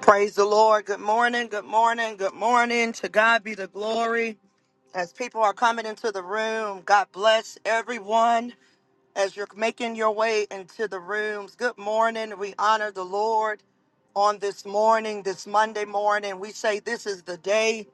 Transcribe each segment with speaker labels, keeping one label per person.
Speaker 1: Praise the Lord. Good morning. Good morning. Good morning. To God be the glory. As people are coming into the room, God bless everyone as you're making your way into the rooms. Good morning. We honor the Lord on this morning, this Monday morning. We say this is the day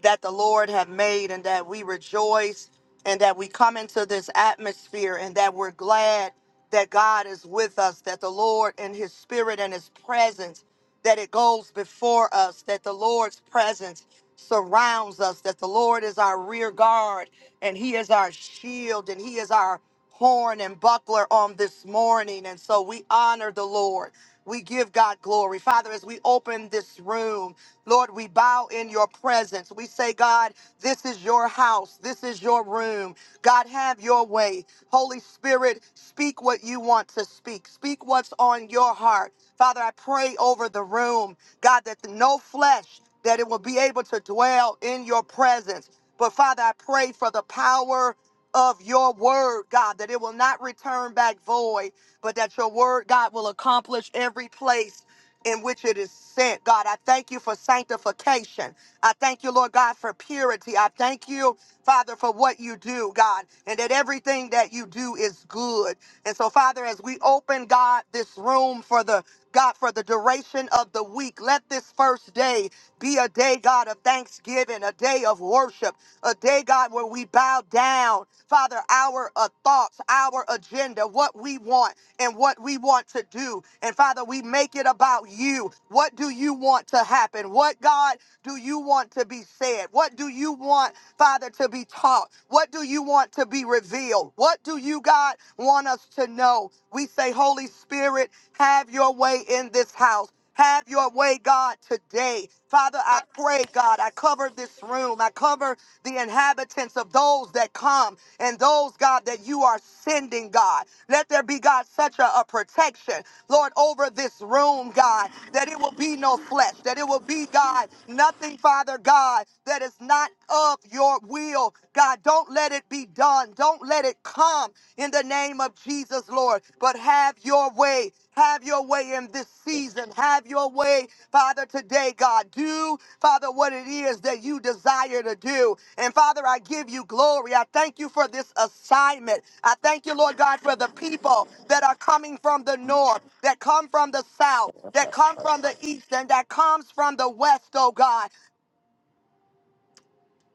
Speaker 1: that the Lord have made and that we rejoice and that we come into this atmosphere and that we're glad that God is with us, that the Lord and his spirit and his presence, that it goes before us, that the Lord's presence surrounds us, that the Lord is our rear guard and he is our shield and he is our horn and buckler on this morning. And so we honor the Lord. We give God glory. Father, as we open this room, Lord, we bow in your presence. We say, God, this is your house. This is your room. God, have your way. Holy Spirit, speak what you want to speak. Speak what's on your heart. Father, I pray over the room, God, that no flesh, that it will be able to dwell in your presence. But Father, I pray for the power of your word, God, that it will not return back void, but that your word, God, will accomplish every place in which it is sent. God, I thank you for sanctification. I thank you, Lord God, for purity. I thank you, Father, for what you do, God, and that everything that you do is good. And so, Father, as we open, God, this room for the God, for the duration of the week, let this first day be a day, God, of thanksgiving, a day of worship, a day, God, where we bow down, Father, our uh, thoughts, our agenda, what we want and what we want to do. And Father, we make it about you. What do you want to happen? What, God, do you want to be said? What do you want, Father, to be taught? What do you want to be revealed? What do you, God, want us to know? We say, Holy Spirit, have your way in this house. Have your way, God, today. Father, I pray, God, I cover this room. I cover the inhabitants of those that come and those, God, that you are sending, God. Let there be, God, such a, a protection, Lord, over this room, God, that it will be no flesh, that it will be, God, nothing, Father God, that is not of your will. God, don't let it be done. Don't let it come in the name of Jesus, Lord, but have your way. Have your way in this season. Have your way, Father, today, God. Do, Father, what it is that you desire to do. And Father, I give you glory. I thank you for this assignment. I thank you, Lord God, for the people that are coming from the north, that come from the south, that come from the east, and that comes from the west, oh God.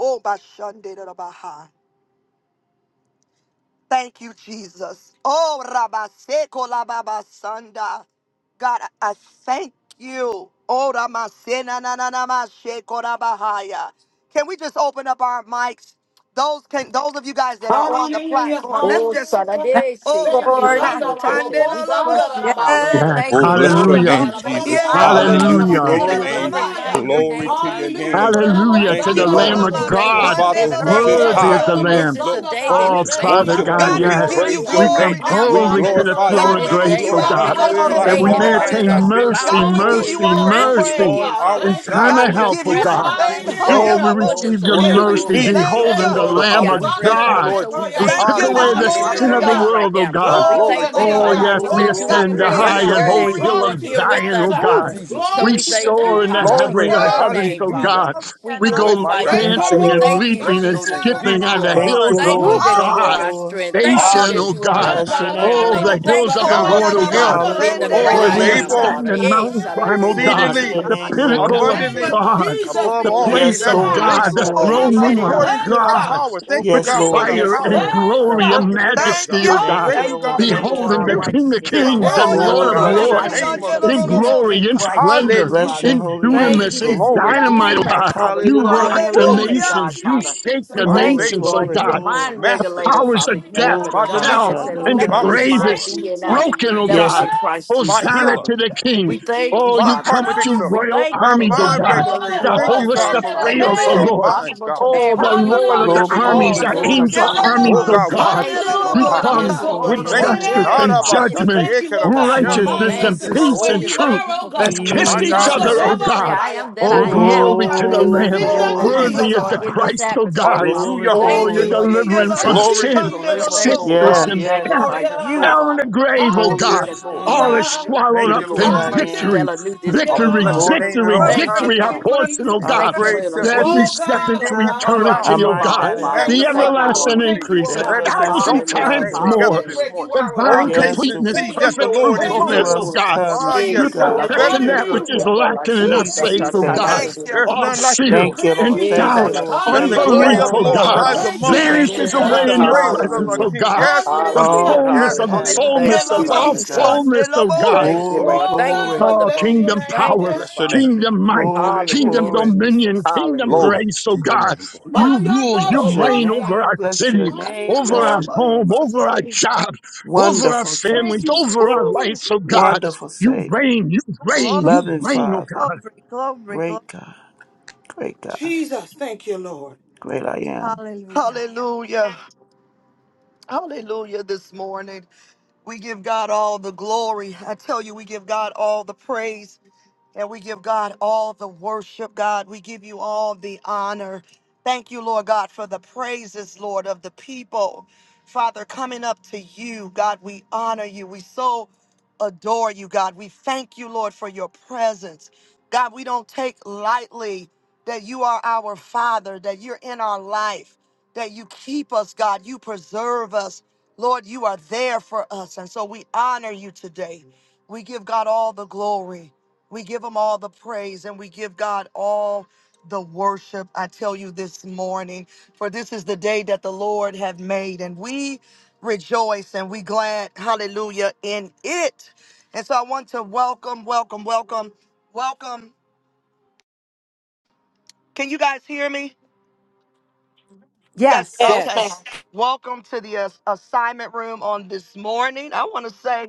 Speaker 1: Oh, Bashande Thank you, Jesus. Oh, Rabaseko Lababasanda. God, I I thank you. Oh, Ramasena na na na Masheko Rabahaya. Can we just open up our mics? Those can those of you guys that are on the
Speaker 2: Hallelujah,
Speaker 1: platform, let's
Speaker 3: Oh,
Speaker 1: just
Speaker 2: hallelujah.
Speaker 4: Thank
Speaker 3: Saturday, say,
Speaker 1: oh
Speaker 4: you,
Speaker 2: Thank you.
Speaker 4: Lord.
Speaker 2: Randa
Speaker 3: Chakalato, Keshe.
Speaker 1: Shantande
Speaker 2: raboko
Speaker 3: we
Speaker 2: sanda
Speaker 3: trust you,
Speaker 1: Lolobosha.
Speaker 3: Father. We
Speaker 4: Yes,
Speaker 2: rabaye.
Speaker 5: Yes,
Speaker 3: thank
Speaker 6: Oh,
Speaker 7: Glory,
Speaker 3: you,
Speaker 6: bless
Speaker 3: Lord. We
Speaker 6: your
Speaker 2: Rianda
Speaker 7: glory,
Speaker 5: hallelujah,
Speaker 6: name,
Speaker 3: thank you for
Speaker 4: glory,
Speaker 6: Jesus.
Speaker 3: this
Speaker 2: kararabarabo
Speaker 1: Yendo
Speaker 3: day,
Speaker 4: Father,
Speaker 2: sanda
Speaker 3: Father.
Speaker 6: Hallelujah
Speaker 5: hallelujah,
Speaker 6: to
Speaker 2: rabakia
Speaker 6: your
Speaker 3: We
Speaker 1: Lolobosenda
Speaker 7: glory,
Speaker 6: name.
Speaker 7: glory,
Speaker 3: glorify
Speaker 1: Ramaya.
Speaker 2: rabasaya.
Speaker 7: glory,
Speaker 3: your
Speaker 6: Glory
Speaker 3: name,
Speaker 6: to
Speaker 3: Father.
Speaker 6: your
Speaker 3: There
Speaker 2: Hallelujah.
Speaker 3: is
Speaker 6: name.
Speaker 3: none
Speaker 2: Koranamo
Speaker 5: hallelujah
Speaker 3: like
Speaker 6: Thank
Speaker 5: to
Speaker 3: you,
Speaker 5: the
Speaker 6: you,
Speaker 2: sanda
Speaker 5: Lamb
Speaker 6: Lord.
Speaker 3: Father.
Speaker 7: glory
Speaker 3: We
Speaker 5: of
Speaker 7: to
Speaker 1: Ikolama
Speaker 2: raboko
Speaker 7: your
Speaker 3: thank
Speaker 6: A
Speaker 2: raboko
Speaker 3: you
Speaker 7: name.
Speaker 5: God.
Speaker 3: for
Speaker 1: Shande
Speaker 6: Father
Speaker 3: this
Speaker 2: sata.
Speaker 7: Jesus.
Speaker 6: who
Speaker 4: Spirit,
Speaker 3: day,
Speaker 2: Ye
Speaker 6: sits
Speaker 5: Worthy
Speaker 3: Father.
Speaker 5: is
Speaker 6: high
Speaker 5: the
Speaker 1: Lolobohoya.
Speaker 6: and
Speaker 2: yorabo
Speaker 3: This
Speaker 6: looks
Speaker 5: Lamb.
Speaker 3: is a
Speaker 6: low.
Speaker 2: sanda
Speaker 3: day
Speaker 2: kaya
Speaker 4: Hallelujah.
Speaker 3: that
Speaker 5: Oh,
Speaker 6: We
Speaker 3: you made,
Speaker 2: rebesi
Speaker 5: Father
Speaker 6: worship
Speaker 3: Father.
Speaker 2: ando
Speaker 5: God,
Speaker 3: We're
Speaker 7: Glory,
Speaker 6: you.
Speaker 1: God,
Speaker 6: We
Speaker 1: we
Speaker 2: raboko
Speaker 5: yes,
Speaker 1: give you
Speaker 6: praise
Speaker 2: rabia.
Speaker 5: we
Speaker 6: your
Speaker 3: rejoicing
Speaker 5: come
Speaker 6: name.
Speaker 3: right
Speaker 1: glory this
Speaker 3: now,
Speaker 6: We
Speaker 5: boldly to
Speaker 3: Father,
Speaker 1: morning.
Speaker 2: Hallelujah.
Speaker 5: the
Speaker 6: glorify
Speaker 3: in
Speaker 5: throne
Speaker 1: God,
Speaker 6: your
Speaker 5: of
Speaker 1: we
Speaker 3: this
Speaker 6: name,
Speaker 2: Koranamo
Speaker 1: give
Speaker 5: grace,
Speaker 3: day,
Speaker 1: you
Speaker 5: oh
Speaker 6: Lord.
Speaker 3: Father,
Speaker 2: sianda
Speaker 5: God,
Speaker 6: We
Speaker 3: because you
Speaker 4: All
Speaker 1: adoration
Speaker 2: raboko
Speaker 5: that
Speaker 1: this
Speaker 6: realize
Speaker 3: made
Speaker 5: we
Speaker 6: if
Speaker 3: it,
Speaker 5: may
Speaker 6: it
Speaker 3: Father,
Speaker 2: raboko
Speaker 1: morning.
Speaker 6: had
Speaker 4: glory
Speaker 5: attain
Speaker 3: because
Speaker 2: sata.
Speaker 6: not
Speaker 3: you
Speaker 6: been
Speaker 4: and
Speaker 6: for
Speaker 3: allowed
Speaker 5: mercy,
Speaker 1: God,
Speaker 3: us
Speaker 6: the
Speaker 1: we
Speaker 3: to be
Speaker 1: give
Speaker 6: Lord
Speaker 3: in
Speaker 1: you
Speaker 3: your
Speaker 5: mercy,
Speaker 4: praise.
Speaker 2: Hallelujah.
Speaker 1: all the
Speaker 6: who
Speaker 2: Thank
Speaker 6: was
Speaker 2: you,
Speaker 3: presence
Speaker 2: oh
Speaker 5: mercy
Speaker 1: praise.
Speaker 6: on
Speaker 3: again,
Speaker 2: God.
Speaker 6: our
Speaker 3: Father.
Speaker 5: in
Speaker 4: Give
Speaker 2: Thank you,
Speaker 3: And
Speaker 5: time
Speaker 1: God,
Speaker 3: in
Speaker 6: side,
Speaker 5: of
Speaker 1: we
Speaker 2: Lord.
Speaker 3: your
Speaker 5: help,
Speaker 1: give
Speaker 5: oh
Speaker 1: you
Speaker 3: presence,
Speaker 5: God.
Speaker 6: what
Speaker 3: Father,
Speaker 6: can
Speaker 1: thank
Speaker 4: Hallelujah.
Speaker 3: you
Speaker 6: we
Speaker 3: said
Speaker 5: Oh,
Speaker 6: do?
Speaker 3: there's
Speaker 5: we
Speaker 2: Hallelujah.
Speaker 7: glory, glory,
Speaker 5: receive
Speaker 3: fullness
Speaker 5: your
Speaker 3: of
Speaker 6: What
Speaker 1: Hayalaboshe.
Speaker 6: can
Speaker 3: joy
Speaker 2: Thank
Speaker 6: we
Speaker 2: you,
Speaker 5: mercy,
Speaker 7: glory,
Speaker 3: and
Speaker 6: be?
Speaker 3: the
Speaker 2: Jesus.
Speaker 1: Thank
Speaker 3: joy of the
Speaker 1: you.
Speaker 5: beholding
Speaker 2: Echo,
Speaker 5: the
Speaker 3: Lord
Speaker 6: So,
Speaker 3: will be
Speaker 5: Lamb
Speaker 2: Robo,
Speaker 6: Father,
Speaker 3: our
Speaker 6: we
Speaker 5: of
Speaker 2: Sunday,
Speaker 3: strength,
Speaker 6: thank you,
Speaker 3: Father.
Speaker 5: God
Speaker 6: Lord
Speaker 3: So we
Speaker 2: Rebecca,
Speaker 6: Jesus.
Speaker 5: who
Speaker 2: yeah.
Speaker 3: thank
Speaker 1: Thank
Speaker 5: took
Speaker 7: glory,
Speaker 3: you
Speaker 1: you
Speaker 3: for
Speaker 5: away
Speaker 1: this
Speaker 6: Hallelujah
Speaker 5: the
Speaker 7: glory,
Speaker 3: coming
Speaker 6: to
Speaker 3: in
Speaker 6: your
Speaker 3: this
Speaker 7: glory,
Speaker 5: sin
Speaker 1: morning,
Speaker 5: of
Speaker 6: name.
Speaker 5: the
Speaker 3: place
Speaker 2: Hallelujah.
Speaker 1: God.
Speaker 4: Hallelujah.
Speaker 3: right
Speaker 5: world, oh
Speaker 3: now.
Speaker 6: Oh,
Speaker 5: God.
Speaker 3: We
Speaker 2: Glory
Speaker 1: Oh,
Speaker 2: to
Speaker 4: Hallelujah.
Speaker 6: glory
Speaker 2: your
Speaker 3: thank
Speaker 6: to
Speaker 1: Baba
Speaker 3: you,
Speaker 6: your
Speaker 2: name,
Speaker 5: Oh,
Speaker 3: Father.
Speaker 7: glory,
Speaker 6: name,
Speaker 2: God.
Speaker 1: Basa.
Speaker 3: When
Speaker 5: yes,
Speaker 3: you
Speaker 6: Lord.
Speaker 7: glory,
Speaker 5: we
Speaker 3: said
Speaker 2: Glory
Speaker 3: two
Speaker 2: to
Speaker 3: or
Speaker 1: God,
Speaker 7: glory,
Speaker 5: ascend
Speaker 2: your
Speaker 1: we
Speaker 3: three
Speaker 5: the
Speaker 3: are
Speaker 1: give
Speaker 2: name,
Speaker 7: glory.
Speaker 1: you
Speaker 5: high
Speaker 6: Bless
Speaker 3: gathered in
Speaker 2: God.
Speaker 6: your
Speaker 5: and
Speaker 3: your
Speaker 6: name,
Speaker 5: holy
Speaker 3: name,
Speaker 1: glory.
Speaker 6: sweet
Speaker 5: hill
Speaker 3: you
Speaker 5: of
Speaker 2: Glory
Speaker 3: are
Speaker 2: to
Speaker 3: here
Speaker 6: Jesus.
Speaker 2: your
Speaker 3: with
Speaker 5: Zion,
Speaker 2: name,
Speaker 5: oh
Speaker 3: us,
Speaker 2: God.
Speaker 6: Oh,
Speaker 5: God.
Speaker 3: Father.
Speaker 7: Thank you,
Speaker 6: Jesus.
Speaker 3: So
Speaker 5: We
Speaker 7: Jesus.
Speaker 2: Glory
Speaker 3: we
Speaker 2: to your
Speaker 3: thank you.
Speaker 5: soar in
Speaker 2: name,
Speaker 5: the
Speaker 3: Hallowed
Speaker 2: God.
Speaker 3: be
Speaker 5: heavenly
Speaker 6: Glory.
Speaker 3: your
Speaker 4: Yay.
Speaker 2: Glory.
Speaker 5: heavens,
Speaker 3: name,
Speaker 5: oh
Speaker 3: Father.
Speaker 6: Hallelujah.
Speaker 5: God.
Speaker 4: Glory
Speaker 3: We
Speaker 4: and
Speaker 5: We
Speaker 6: Oh,
Speaker 5: go
Speaker 6: my
Speaker 3: glorify you,
Speaker 6: God.
Speaker 2: Reco,
Speaker 7: Thank
Speaker 3: Father.
Speaker 7: you,
Speaker 3: We
Speaker 5: dancing and
Speaker 7: Lord.
Speaker 2: Robo,
Speaker 3: thank
Speaker 4: honor.
Speaker 3: you,
Speaker 5: leaping
Speaker 6: Bless
Speaker 2: Sunday,
Speaker 5: and
Speaker 6: your
Speaker 3: Jesus,
Speaker 6: name,
Speaker 3: for
Speaker 4: Thank
Speaker 3: who
Speaker 5: skipping
Speaker 4: you,
Speaker 5: on
Speaker 3: you
Speaker 6: Jesus.
Speaker 2: Rebecca.
Speaker 5: the
Speaker 3: are.
Speaker 7: Thank you,
Speaker 4: Lord.
Speaker 5: hills
Speaker 3: Thank you
Speaker 6: Woo.
Speaker 5: of
Speaker 7: Lord.
Speaker 3: that you
Speaker 7: Thank
Speaker 4: All
Speaker 7: you,
Speaker 3: are
Speaker 5: God.
Speaker 4: that's
Speaker 3: our
Speaker 7: Lord.
Speaker 3: strength. Thank
Speaker 2: Hallelujah.
Speaker 3: you
Speaker 5: Nation,
Speaker 4: done.
Speaker 3: that
Speaker 5: oh
Speaker 3: you are
Speaker 6: Hallelujah.
Speaker 3: our
Speaker 5: God.
Speaker 7: Bless
Speaker 2: Ega,
Speaker 7: your
Speaker 3: mind
Speaker 2: Robo,
Speaker 5: Oh,
Speaker 7: name.
Speaker 3: regulator.
Speaker 2: Robo,
Speaker 5: the hills
Speaker 2: Konda,
Speaker 3: Thank
Speaker 5: of the
Speaker 2: Robo,
Speaker 1: Oh,
Speaker 6: Now
Speaker 3: you
Speaker 5: Lord, oh
Speaker 6: unto him
Speaker 5: God.
Speaker 3: for
Speaker 2: Sianda,
Speaker 3: being
Speaker 2: Robo,
Speaker 3: the
Speaker 2: Robo,
Speaker 7: Hallelujah,
Speaker 3: great
Speaker 5: Oh,
Speaker 6: who
Speaker 5: and
Speaker 6: is
Speaker 3: I
Speaker 2: yeah.
Speaker 5: we
Speaker 3: am,
Speaker 6: able
Speaker 7: hallelujah.
Speaker 1: Yalamasendelamosha.
Speaker 3: Father.
Speaker 5: ascend and
Speaker 3: Eh,
Speaker 5: mountain
Speaker 6: to do
Speaker 5: climb, oh
Speaker 3: salate, to
Speaker 7: Glory
Speaker 5: God.
Speaker 7: to
Speaker 3: de-
Speaker 6: exceedingly
Speaker 7: your
Speaker 3: de-
Speaker 5: The
Speaker 2: Hey!
Speaker 3: si,
Speaker 7: name, Lord.
Speaker 2: The
Speaker 5: pinnacle of
Speaker 2: name
Speaker 3: sakalate.
Speaker 2: of
Speaker 6: abundantly
Speaker 5: God.
Speaker 2: Jesus
Speaker 6: above
Speaker 5: The
Speaker 3: Poko
Speaker 2: be
Speaker 3: la
Speaker 6: all we can
Speaker 3: shi,
Speaker 5: place
Speaker 7: Yes,
Speaker 2: lifted
Speaker 6: ask
Speaker 3: sa,
Speaker 5: of
Speaker 6: to
Speaker 7: Lord.
Speaker 3: ta,
Speaker 2: high
Speaker 6: think,
Speaker 3: ta,
Speaker 7: Yes,
Speaker 5: God. The
Speaker 3: ta,
Speaker 6: Lord,
Speaker 3: de-
Speaker 7: Lord.
Speaker 1: Oh,
Speaker 3: de-
Speaker 5: throne
Speaker 2: in
Speaker 3: de-
Speaker 7: Yes,
Speaker 1: Baba
Speaker 3: de-
Speaker 2: this
Speaker 5: room
Speaker 3: de-
Speaker 5: of
Speaker 7: Lord.
Speaker 1: Sha.
Speaker 3: de.
Speaker 6: according
Speaker 3: si.
Speaker 6: to
Speaker 2: place,
Speaker 6: the
Speaker 5: God.
Speaker 2: God.
Speaker 6: power.
Speaker 3: O
Speaker 6: Thank you,
Speaker 5: With
Speaker 7: Yes,
Speaker 6: God,
Speaker 3: kokola
Speaker 2: In
Speaker 6: for
Speaker 7: Lord.
Speaker 6: the
Speaker 3: shi
Speaker 2: this
Speaker 5: fire
Speaker 7: Yes,
Speaker 5: and
Speaker 6: power
Speaker 7: Lord.
Speaker 3: sakata
Speaker 2: place,
Speaker 6: that
Speaker 3: da
Speaker 5: glory
Speaker 3: da
Speaker 5: and
Speaker 2: God.
Speaker 3: da
Speaker 6: worketh in us,
Speaker 1: Thank
Speaker 5: majesty,
Speaker 6: God.
Speaker 5: oh
Speaker 1: you.
Speaker 5: God.
Speaker 7: Thank
Speaker 6: Thank
Speaker 4: Hallelujah.
Speaker 7: you,
Speaker 6: you,
Speaker 3: Thank you
Speaker 7: Lord.
Speaker 6: God, for
Speaker 3: that you
Speaker 6: your
Speaker 7: Thank you,
Speaker 3: are
Speaker 2: Hallelujah!
Speaker 5: Beholding
Speaker 3: our
Speaker 5: the
Speaker 6: spirit
Speaker 7: Lord.
Speaker 5: King of
Speaker 3: righteousness,
Speaker 6: that
Speaker 2: The
Speaker 5: Kings
Speaker 3: Father.
Speaker 5: and
Speaker 6: dwells
Speaker 2: name
Speaker 6: in
Speaker 2: of
Speaker 6: us,
Speaker 5: Lord
Speaker 7: Oh,
Speaker 3: We
Speaker 5: of
Speaker 6: God,
Speaker 3: are the
Speaker 6: in
Speaker 7: bless
Speaker 1: Oh,
Speaker 6: the
Speaker 7: your
Speaker 5: Lords
Speaker 2: Jesus
Speaker 7: name,
Speaker 6: name
Speaker 3: righteousness
Speaker 6: of
Speaker 3: of
Speaker 5: in
Speaker 2: be
Speaker 6: Jesus.
Speaker 7: Jesus.
Speaker 3: you
Speaker 5: glory,
Speaker 3: in
Speaker 2: lifted
Speaker 5: in
Speaker 1: Yalamasiandelamosha.
Speaker 2: high,
Speaker 3: Christ
Speaker 2: oh
Speaker 3: Jesus,
Speaker 5: splendor,
Speaker 7: Bless
Speaker 6: Hallelujah.
Speaker 3: Father.
Speaker 7: your
Speaker 5: in
Speaker 2: God.
Speaker 7: holy
Speaker 3: Thank
Speaker 7: name.
Speaker 5: dunamis,
Speaker 3: you
Speaker 2: In this
Speaker 3: that
Speaker 5: in
Speaker 3: you
Speaker 6: Glory to
Speaker 5: dynamite, oh
Speaker 6: your
Speaker 3: redeem us,
Speaker 6: name,
Speaker 5: God.
Speaker 2: place.
Speaker 6: God.
Speaker 3: Father.
Speaker 5: You
Speaker 3: You are
Speaker 4: God.
Speaker 3: the
Speaker 7: Hallelujah,
Speaker 5: rock the
Speaker 6: Woo,
Speaker 2: Thank
Speaker 7: hallelujah.
Speaker 3: redeeming
Speaker 6: Jesus,
Speaker 1: Hallelujah.
Speaker 3: God,
Speaker 5: nations. You
Speaker 3: Father.
Speaker 2: you,
Speaker 5: shake
Speaker 3: We
Speaker 5: the
Speaker 6: my
Speaker 2: Jesus.
Speaker 7: Glory,
Speaker 3: thank you,
Speaker 6: Savior,
Speaker 5: nations, oh
Speaker 3: Lord.
Speaker 7: glory,
Speaker 3: You are
Speaker 5: God
Speaker 3: mind
Speaker 7: glory.
Speaker 6: Master,
Speaker 3: regulator,
Speaker 5: powers
Speaker 3: Father.
Speaker 5: of
Speaker 2: Hallelujah!
Speaker 3: You are
Speaker 5: death,
Speaker 7: Oh,
Speaker 3: the
Speaker 6: my
Speaker 3: God that
Speaker 5: hell,
Speaker 7: Rabasha,
Speaker 6: Deliverer,
Speaker 3: said,
Speaker 5: and
Speaker 4: Oh,
Speaker 5: the
Speaker 7: Nadia
Speaker 3: let
Speaker 6: my
Speaker 3: this
Speaker 5: grave
Speaker 7: Rabasa.
Speaker 3: mind
Speaker 2: Thank
Speaker 6: Restorer,
Speaker 3: be
Speaker 5: is
Speaker 2: you,
Speaker 3: in us.
Speaker 5: broken,
Speaker 4: Lord.
Speaker 5: oh
Speaker 3: That was
Speaker 7: Yes,
Speaker 3: in
Speaker 5: God.
Speaker 2: Jesus.
Speaker 3: Christ
Speaker 6: my
Speaker 3: Jesus,
Speaker 5: Hosanna
Speaker 6: Healer,
Speaker 3: Father.
Speaker 5: to the
Speaker 2: Thank
Speaker 5: King.
Speaker 3: We
Speaker 2: you,
Speaker 3: thank you,
Speaker 5: Oh,
Speaker 6: my
Speaker 5: you
Speaker 3: Father.
Speaker 5: come
Speaker 6: Heart
Speaker 2: Jesus.
Speaker 5: with your
Speaker 6: Fixer,
Speaker 3: We
Speaker 5: royal
Speaker 3: thank you
Speaker 6: my
Speaker 3: that
Speaker 5: armies, oh
Speaker 3: you're
Speaker 6: Mind
Speaker 5: God.
Speaker 3: God that can
Speaker 6: Regulator.
Speaker 3: do
Speaker 6: Thank
Speaker 3: all
Speaker 6: you,
Speaker 5: Jehovah
Speaker 6: God,
Speaker 3: things,
Speaker 6: for
Speaker 3: Father.
Speaker 5: Sabaoth,
Speaker 3: What
Speaker 5: oh
Speaker 6: regulating
Speaker 3: seemed
Speaker 6: our
Speaker 5: Lord.
Speaker 6: minds,
Speaker 3: impossible to
Speaker 6: God, this
Speaker 5: Oh,
Speaker 3: man
Speaker 4: But
Speaker 5: the
Speaker 3: with
Speaker 6: morning.
Speaker 3: you,
Speaker 4: above
Speaker 5: Lord of
Speaker 6: In
Speaker 3: Father,
Speaker 2: Hallelujah,
Speaker 5: the
Speaker 6: the
Speaker 7: glory,
Speaker 6: name of
Speaker 5: armies,
Speaker 7: glory,
Speaker 4: all,
Speaker 3: all
Speaker 5: the
Speaker 3: things
Speaker 6: Jesus.
Speaker 3: are
Speaker 7: glory,
Speaker 5: angel
Speaker 2: Jesus.
Speaker 7: glory,
Speaker 3: possible,
Speaker 5: armies,
Speaker 6: Oh,
Speaker 3: Father.
Speaker 5: oh
Speaker 7: glory.
Speaker 6: God, we lift
Speaker 5: God.
Speaker 6: your
Speaker 3: Thank you,
Speaker 6: name
Speaker 2: Hallelujah.
Speaker 6: on
Speaker 3: Lord,
Speaker 5: You
Speaker 3: that
Speaker 6: high.
Speaker 5: come
Speaker 7: Yes,
Speaker 3: you
Speaker 1: Yelalabasandelalabosa.
Speaker 3: are
Speaker 7: Lord,
Speaker 3: a
Speaker 5: with
Speaker 6: Thank
Speaker 7: yes,
Speaker 6: you,
Speaker 5: justice
Speaker 7: Lord.
Speaker 3: deliverer,
Speaker 5: and
Speaker 3: Father.
Speaker 2: We
Speaker 6: Jihadabashata
Speaker 5: judgment,
Speaker 2: thank you, oh
Speaker 6: Ekaraba.
Speaker 2: God,
Speaker 6: Yeah,
Speaker 2: for
Speaker 6: Lord.
Speaker 5: righteousness
Speaker 2: allowing us
Speaker 3: Thank
Speaker 5: and
Speaker 2: to
Speaker 3: you,
Speaker 2: come
Speaker 3: Lord.
Speaker 5: peace
Speaker 7: Jesus,
Speaker 3: We
Speaker 2: where
Speaker 6: Oh,
Speaker 5: and
Speaker 2: you
Speaker 3: just
Speaker 6: yes.
Speaker 5: truth
Speaker 3: thank
Speaker 2: are,
Speaker 3: you for
Speaker 2: oh
Speaker 3: who
Speaker 5: has
Speaker 2: God.
Speaker 3: you are.
Speaker 6: My
Speaker 5: kissed
Speaker 3: You
Speaker 5: each
Speaker 6: God,
Speaker 3: are
Speaker 2: Yonder
Speaker 3: the
Speaker 5: other,
Speaker 7: Jesus.
Speaker 6: today.
Speaker 5: oh
Speaker 3: God that
Speaker 2: robo
Speaker 3: say,
Speaker 5: God.
Speaker 3: I
Speaker 2: saya.
Speaker 3: am that
Speaker 5: Oh,
Speaker 3: I
Speaker 6: Woo,
Speaker 3: am,
Speaker 2: Oh
Speaker 5: glory to
Speaker 2: God, we
Speaker 3: Father.
Speaker 5: the
Speaker 7: Oh,
Speaker 5: Lamb.
Speaker 2: ascend
Speaker 1: Oh,
Speaker 3: Whatever the
Speaker 1: my
Speaker 2: unto
Speaker 7: glory,
Speaker 2: thee,
Speaker 5: Worthy
Speaker 2: oh
Speaker 3: needs
Speaker 6: Jesus.
Speaker 5: is
Speaker 3: are
Speaker 5: the
Speaker 2: God.
Speaker 3: in
Speaker 1: Messiah.
Speaker 3: this
Speaker 5: Christ, oh
Speaker 3: atmosphere,
Speaker 5: God.
Speaker 3: Father, we
Speaker 7: glory,
Speaker 6: Hallelujah.
Speaker 5: Oh,
Speaker 2: Thank
Speaker 3: thank
Speaker 5: you're
Speaker 3: you,
Speaker 2: you,
Speaker 7: glory.
Speaker 3: Lord, that it
Speaker 2: Jesus.
Speaker 5: delivering
Speaker 3: is
Speaker 5: from
Speaker 2: Thank
Speaker 3: done.
Speaker 2: you,
Speaker 6: Glory to
Speaker 5: sin,
Speaker 6: the
Speaker 3: We
Speaker 2: Jesus.
Speaker 6: Lamb of the
Speaker 3: thank you,
Speaker 6: Lord, God.
Speaker 5: sickness,
Speaker 3: Lord.
Speaker 7: Yeah,
Speaker 3: We
Speaker 1: Yelabashandelalabosi.
Speaker 5: and
Speaker 7: yeah,
Speaker 5: death
Speaker 7: yeah,
Speaker 4: glory,
Speaker 3: magnify
Speaker 6: Yes,
Speaker 7: yeah.
Speaker 3: you,
Speaker 2: Hallelujah.
Speaker 4: God.
Speaker 6: Lord.
Speaker 5: hell and the
Speaker 3: Father,
Speaker 5: grave, oh
Speaker 3: for
Speaker 7: Holy
Speaker 3: being
Speaker 5: God.
Speaker 6: Yes,
Speaker 7: is
Speaker 3: the
Speaker 7: your
Speaker 6: Lord.
Speaker 5: All
Speaker 7: name.
Speaker 5: is
Speaker 3: great,
Speaker 2: Hallelujah.
Speaker 3: your
Speaker 5: swallowed
Speaker 6: Thank
Speaker 7: You're the
Speaker 5: up
Speaker 6: you,
Speaker 3: grace
Speaker 7: great
Speaker 6: Lord.
Speaker 5: in
Speaker 3: and
Speaker 7: I
Speaker 3: mercy
Speaker 7: am.
Speaker 3: that
Speaker 5: victory,
Speaker 3: are new this
Speaker 6: I will
Speaker 3: morning,
Speaker 5: victory,
Speaker 6: bless
Speaker 2: Hallelujah.
Speaker 3: Father.
Speaker 6: your
Speaker 7: Lord of
Speaker 6: name at
Speaker 5: victory,
Speaker 6: all
Speaker 2: Thank
Speaker 3: Thank
Speaker 7: lords,
Speaker 3: you,
Speaker 6: times,
Speaker 2: you,
Speaker 5: victory,
Speaker 4: Worship,
Speaker 5: our
Speaker 6: Lord,
Speaker 3: Father.
Speaker 4: worship,
Speaker 5: portion, oh
Speaker 6: and
Speaker 2: Jesus.
Speaker 7: our
Speaker 6: your
Speaker 3: Thank
Speaker 5: God.
Speaker 3: you for
Speaker 6: praise
Speaker 4: worship,
Speaker 7: Prince
Speaker 3: the
Speaker 6: shall
Speaker 7: of
Speaker 5: As we
Speaker 2: Oh
Speaker 3: peace
Speaker 7: Peace.
Speaker 5: step
Speaker 6: continually
Speaker 2: God,
Speaker 6: be
Speaker 2: oh
Speaker 5: into
Speaker 6: in
Speaker 4: God.
Speaker 6: my
Speaker 3: you are
Speaker 2: God.
Speaker 6: mouth.
Speaker 5: eternity,
Speaker 3: so
Speaker 5: oh
Speaker 7: Almighty
Speaker 3: long,
Speaker 5: God,
Speaker 7: bad
Speaker 6: Oh,
Speaker 2: We
Speaker 3: Father.
Speaker 2: thank
Speaker 3: We
Speaker 5: the
Speaker 2: you,
Speaker 7: acts,
Speaker 2: oh
Speaker 6: magnify
Speaker 3: thank
Speaker 6: the
Speaker 3: you,
Speaker 2: God.
Speaker 6: Lord
Speaker 2: We
Speaker 3: Lord.
Speaker 5: everlasting
Speaker 6: with me.
Speaker 2: thank you, oh
Speaker 7: the
Speaker 5: increase, a
Speaker 6: Let
Speaker 2: God,
Speaker 6: us
Speaker 2: for
Speaker 7: everlasting
Speaker 5: thousand
Speaker 2: the
Speaker 6: exalt his
Speaker 3: Hallelujah.
Speaker 2: privilege
Speaker 5: times
Speaker 6: name
Speaker 2: to
Speaker 7: Father,
Speaker 5: more,
Speaker 6: together
Speaker 2: ascend
Speaker 6: this
Speaker 3: Hallelujah.
Speaker 2: where you
Speaker 6: morning.
Speaker 2: are, oh
Speaker 6: Oh,
Speaker 5: divine
Speaker 2: God.
Speaker 7: yes,
Speaker 6: taste
Speaker 3: Hallelujah.
Speaker 7: the
Speaker 6: and
Speaker 5: completeness,
Speaker 6: see
Speaker 7: which
Speaker 2: Thank
Speaker 6: that
Speaker 2: you,
Speaker 6: the
Speaker 5: perfect
Speaker 2: Lord.
Speaker 6: Lord
Speaker 7: and
Speaker 6: is
Speaker 2: Thank
Speaker 7: which
Speaker 1: Oh,
Speaker 2: you,
Speaker 6: good.
Speaker 5: fruitfulness,
Speaker 3: Hallelujah.
Speaker 5: oh
Speaker 7: was to
Speaker 2: Lord.
Speaker 5: God.
Speaker 7: come
Speaker 6: Ah,
Speaker 7: is
Speaker 2: Thank
Speaker 3: Eh,
Speaker 7: you,
Speaker 6: yes,
Speaker 5: You're
Speaker 2: you,
Speaker 6: Lord, you're
Speaker 2: Lord.
Speaker 7: God.
Speaker 3: salate,
Speaker 6: better
Speaker 5: perfecting
Speaker 6: than
Speaker 5: that
Speaker 3: coco,
Speaker 5: which
Speaker 6: good.
Speaker 5: is
Speaker 2: Hallelujah.
Speaker 3: coco, la
Speaker 5: lacking in
Speaker 6: Woo,
Speaker 5: our
Speaker 6: Jesus.
Speaker 3: chisa,
Speaker 2: Thank
Speaker 7: Jesus, we
Speaker 5: faith,
Speaker 2: you,
Speaker 5: oh
Speaker 3: tatara,
Speaker 7: thank
Speaker 5: God.
Speaker 3: de,
Speaker 7: you.
Speaker 1: thank
Speaker 2: Jesus.
Speaker 3: de,
Speaker 1: you.
Speaker 3: de,
Speaker 6: There's
Speaker 3: de,
Speaker 5: All
Speaker 6: none
Speaker 3: si.
Speaker 6: like you,
Speaker 5: fear
Speaker 6: Lord.
Speaker 7: Thank you,
Speaker 2: Thank
Speaker 5: and
Speaker 7: Lord.
Speaker 2: you,
Speaker 3: Eh,
Speaker 7: Thank you,
Speaker 5: doubt,
Speaker 3: cala,
Speaker 2: Jesus.
Speaker 7: Lord.
Speaker 6: Let the
Speaker 7: Thank
Speaker 3: chisa,
Speaker 7: you.
Speaker 5: unbelief,
Speaker 6: glory of
Speaker 2: Hallelujah.
Speaker 3: cala,
Speaker 6: the
Speaker 1: Oh,
Speaker 5: oh
Speaker 6: Lord
Speaker 1: Baba
Speaker 3: coco,
Speaker 5: God,
Speaker 3: la
Speaker 6: rise
Speaker 2: Thank
Speaker 6: among
Speaker 2: you,
Speaker 3: si.
Speaker 6: us.
Speaker 7: Thank
Speaker 4: Yes.
Speaker 7: you,
Speaker 2: Jesus.
Speaker 5: vanishes
Speaker 6: Let
Speaker 5: away
Speaker 6: the
Speaker 2: Thank
Speaker 5: in
Speaker 2: you,
Speaker 5: your
Speaker 7: Jesus.
Speaker 6: praises
Speaker 2: Lord.
Speaker 6: of
Speaker 5: presence,
Speaker 6: our
Speaker 3: Hallelujah.
Speaker 5: oh
Speaker 1: Bashandelalabaha.
Speaker 6: King.
Speaker 5: God
Speaker 6: Yes, Lord.
Speaker 5: the
Speaker 3: Hallelujah.
Speaker 2: Hallelujah.
Speaker 7: All that
Speaker 5: fullness
Speaker 7: we
Speaker 6: Yes,
Speaker 5: of
Speaker 7: have,
Speaker 3: Hallelujah.
Speaker 7: God,
Speaker 6: hallelujah.
Speaker 7: is
Speaker 3: Thank
Speaker 5: fullness
Speaker 3: you,
Speaker 2: Thank
Speaker 5: of
Speaker 2: you,
Speaker 7: because of
Speaker 5: all
Speaker 3: Father.
Speaker 7: you, God.
Speaker 2: Jesus.
Speaker 5: fullness of
Speaker 6: Woo,
Speaker 5: God.
Speaker 1: Yelabasandelabos.
Speaker 3: Thank you,
Speaker 6: Jesus.
Speaker 7: Glory,
Speaker 3: Lord.
Speaker 2: Oh
Speaker 3: Thank you
Speaker 2: God,
Speaker 7: glory,
Speaker 3: for
Speaker 2: we
Speaker 3: the
Speaker 5: Oh,
Speaker 2: bless your
Speaker 3: boldness.
Speaker 5: kingdom
Speaker 2: name
Speaker 3: Thank
Speaker 5: power,
Speaker 3: you,
Speaker 6: Bless your
Speaker 2: today.
Speaker 6: name.
Speaker 3: Father.
Speaker 5: kingdom might,
Speaker 7: glory,
Speaker 2: Thank
Speaker 5: kingdom
Speaker 3: Hallelujah.
Speaker 2: you,
Speaker 7: glory.
Speaker 5: dominion,
Speaker 2: Jesus.
Speaker 5: kingdom
Speaker 6: Glory
Speaker 3: Hallelujah.
Speaker 5: grace, oh
Speaker 6: to your
Speaker 5: God.
Speaker 6: name, Lord.
Speaker 5: You rule, you
Speaker 7: Bless
Speaker 2: Mayandoro
Speaker 7: your
Speaker 5: reign
Speaker 2: Bosa.
Speaker 5: over
Speaker 7: name,
Speaker 5: our
Speaker 7: bless your
Speaker 5: city,
Speaker 7: name,
Speaker 5: over
Speaker 7: bless
Speaker 5: our
Speaker 2: Hallelujah.
Speaker 1: Oh,
Speaker 7: your
Speaker 1: mama,
Speaker 7: name.
Speaker 5: home, over our
Speaker 1: Messiah.
Speaker 5: jobs, over our
Speaker 7: Wonderful
Speaker 5: families,
Speaker 2: Thank you,
Speaker 7: Jesus.
Speaker 5: over our
Speaker 2: Jesus.
Speaker 1: Ooh.
Speaker 5: lives, oh God.
Speaker 7: Wonderful
Speaker 5: You
Speaker 7: Savior.
Speaker 5: reign, you reign,
Speaker 4: Glory,
Speaker 5: you
Speaker 7: Loving
Speaker 5: reign, oh God.
Speaker 7: Father.
Speaker 4: glory, glory, glory.
Speaker 7: Great God. Great God.
Speaker 2: Jesus, thank you, Lord.
Speaker 7: Great I am.
Speaker 4: Hallelujah.
Speaker 1: Hallelujah. Hallelujah this morning. We give God all the glory. I tell you, we give God all the praise. And we give God all the worship, God. We give you all the honor. Thank you, Lord God, for the praises, Lord, of the people. Father, coming up to you, God, we honor you. We so adore you, God. We thank you, Lord, for your presence. God, we don't take lightly that you are our Father, that you're in our life, that you keep us, God. You preserve us. Lord, you are there for us. And so we honor you today. We give God all the glory. We give him all the praise and we give God all the worship. I tell you this morning, for this is the day that the Lord have made and we rejoice and we glad, hallelujah, in it. And so I want to welcome, welcome, welcome, welcome. Can you guys hear me? You guys,
Speaker 4: Yes.
Speaker 2: Yes,
Speaker 1: okay.
Speaker 2: ma'am.
Speaker 3: Yes.
Speaker 1: Welcome to the ass- assignment room on this morning. I want to say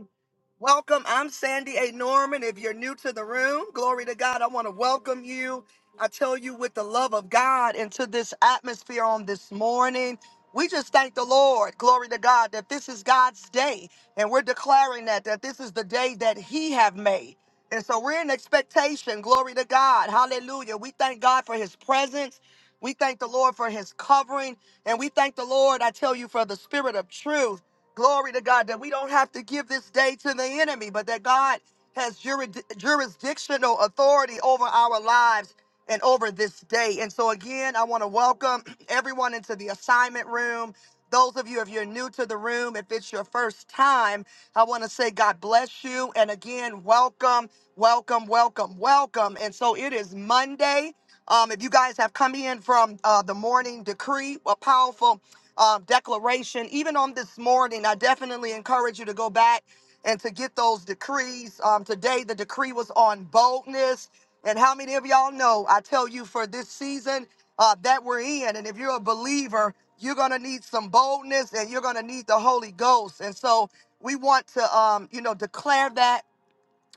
Speaker 1: Welcome. I'm Sandy A. Norman. If you're new to the room, glory to God. I want to welcome you. I tell you, with the love of God, into this atmosphere on this morning. We just thank the Lord, glory to God, that this is God's day. And we're declaring that, that this is the day that He have made. And so we're in expectation, glory to God. Hallelujah. We thank God for His presence. We thank the Lord for His covering. And we thank the Lord, I tell you, for the spirit of truth. Glory to God that we don't have to give this day to the enemy, but that God has jurid- jurisdictional authority over our lives and over this day. And so, again, I want to welcome everyone into the assignment room. Those of you, if you're new to the room, if it's your first time, I want to say God bless you. And again, welcome, welcome, welcome, welcome. And so it is Monday. Um, if you guys have come in from uh, the morning decree, a powerful um, declaration. Even on this morning, I definitely encourage you to go back and to get those decrees. Um, today, the decree was on boldness. And how many of y'all know? I tell you, for this season uh, that we're in, and if you're a believer, you're going to need some boldness and you're going to need the Holy Ghost. And so we want to, um, you know, declare that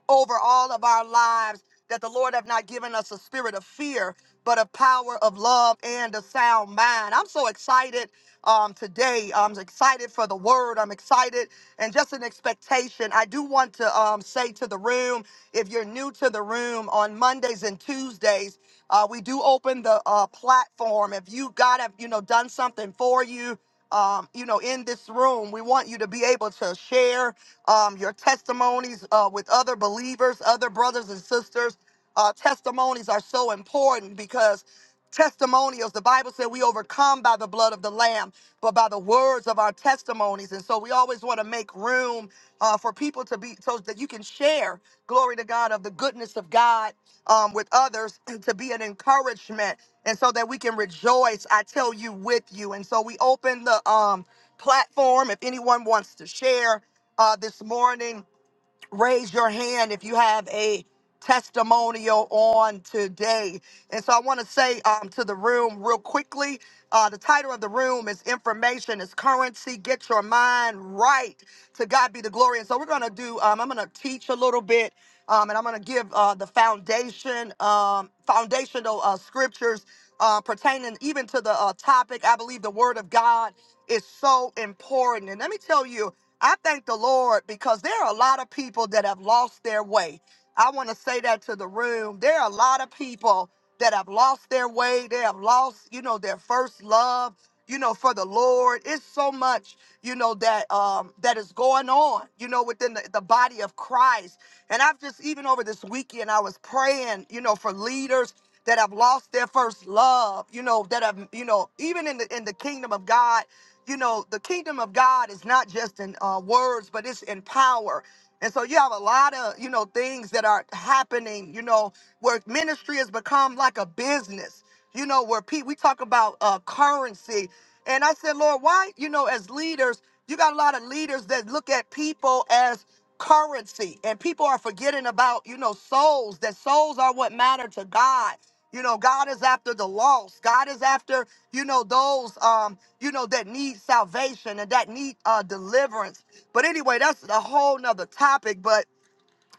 Speaker 1: over all of our lives that the Lord have not given us a spirit of fear, but a power of love and a sound mind. I'm so excited um, today. I'm excited for the word. I'm excited and just an expectation. I do want to um, say to the room, if you're new to the room on Mondays and Tuesdays, uh, we do open the uh, platform. If you God have you know done something for you, um, you know in this room, we want you to be able to share um, your testimonies uh, with other believers, other brothers and sisters. Uh, testimonies are so important because testimonials, the Bible said we overcome by the blood of the Lamb, but by the words of our testimonies. And so we always want to make room uh, for people to be so that you can share, glory to God, of the goodness of God um, with others and to be an encouragement. And so that we can rejoice, I tell you, with you. And so we open the um, platform if anyone wants to share uh, this morning. Raise your hand if you have a testimonial on today. And so I want to say um, to the room real quickly uh, the title of the room is Information is Currency. Get your mind right. To God be the glory. And so we're going to do, um, I'm going to teach a little bit. Um, and I'm going to give uh, the foundation, um, foundational uh, scriptures uh, pertaining even to the uh, topic. I believe the Word of God is so important. And let me tell you, I thank the Lord because there are a lot of people that have lost their way. I want to say that to the room. There are a lot of people that have lost their way. They have lost, you know, their first love, you know, for the Lord. It's so much, you know, that um that is going on, you know, within the, the body of Christ. And I've just even over this weekend, I was praying, you know, for leaders that have lost their first love, you know, that have, you know, even in the in the kingdom of God you know, the kingdom of God is not just in uh, words, but it's in power. And so you have a lot of, you know, things that are happening, you know, where ministry has become like a business, you know, where Pete, we talk about uh, currency. And I said, Lord, why, you know, as leaders, you got a lot of leaders that look at people as currency and people are forgetting about, you know, souls, that souls are what matter to God. You know, God is after the lost. God is after, you know, those, um, you know, that need salvation and that need uh, deliverance. But anyway, that's a whole nother topic. But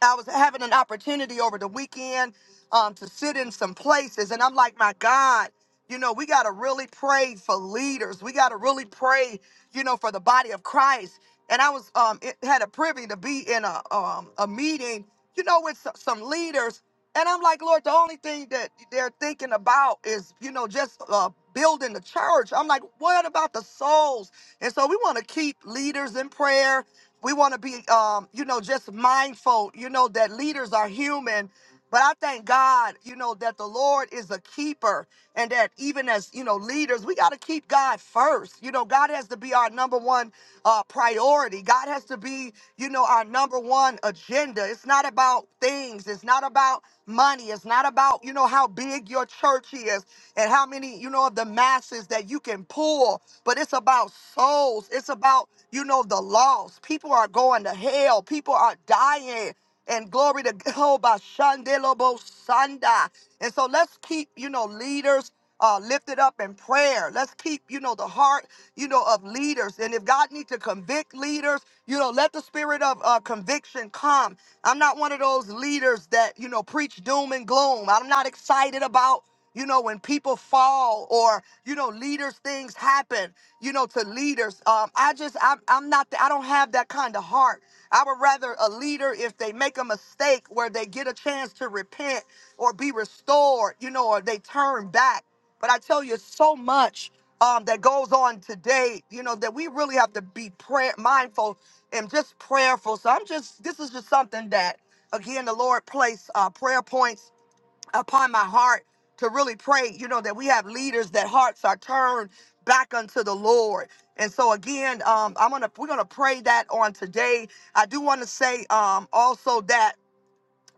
Speaker 1: I was having an opportunity over the weekend um, to sit in some places, and I'm like, my God, you know, we got to really pray for leaders. We got to really pray, you know, for the body of Christ. And I was um, it, had a privy to be in a um, a meeting, you know, with s- some leaders, and I'm like, Lord, the only thing that they're thinking about is, you know, just uh, building the church. I'm like, what about the souls? And so we want to keep leaders in prayer we want to be um, you know just mindful you know that leaders are human but i thank god you know that the lord is a keeper and that even as you know leaders we got to keep god first you know god has to be our number one uh, priority god has to be you know, our number one agenda. It's not about things, it's not about money, it's not about, you know, how big your church is and how many, you know, of the masses that you can pull, but it's about souls. It's about, you know, the lost. People are going to hell, people are dying and glory to God. by Shandelobo Sanda. And so let's keep, you know, leaders uh, lifted up in prayer. Let's keep, you know, the heart, you know, of leaders. And if God needs to convict leaders, you know, let the spirit of uh, conviction come. I'm not one of those leaders that, you know, preach doom and gloom. I'm not excited about. You know, when people fall or, you know, leaders, things happen, you know, to leaders. Um, I just, I'm, I'm not, I don't have that kind of heart. I would rather a leader, if they make a mistake where they get a chance to repent or be restored, you know, or they turn back. But I tell you, so much um, that goes on today, you know, that we really have to be prayer mindful and just prayerful. So I'm just, this is just something that, again, the Lord placed uh, prayer points upon my heart to really pray, you know, that we have leaders that hearts are turned back unto the Lord. And so again, um, I'm gonna we're gonna pray that on today. I do want to say um also that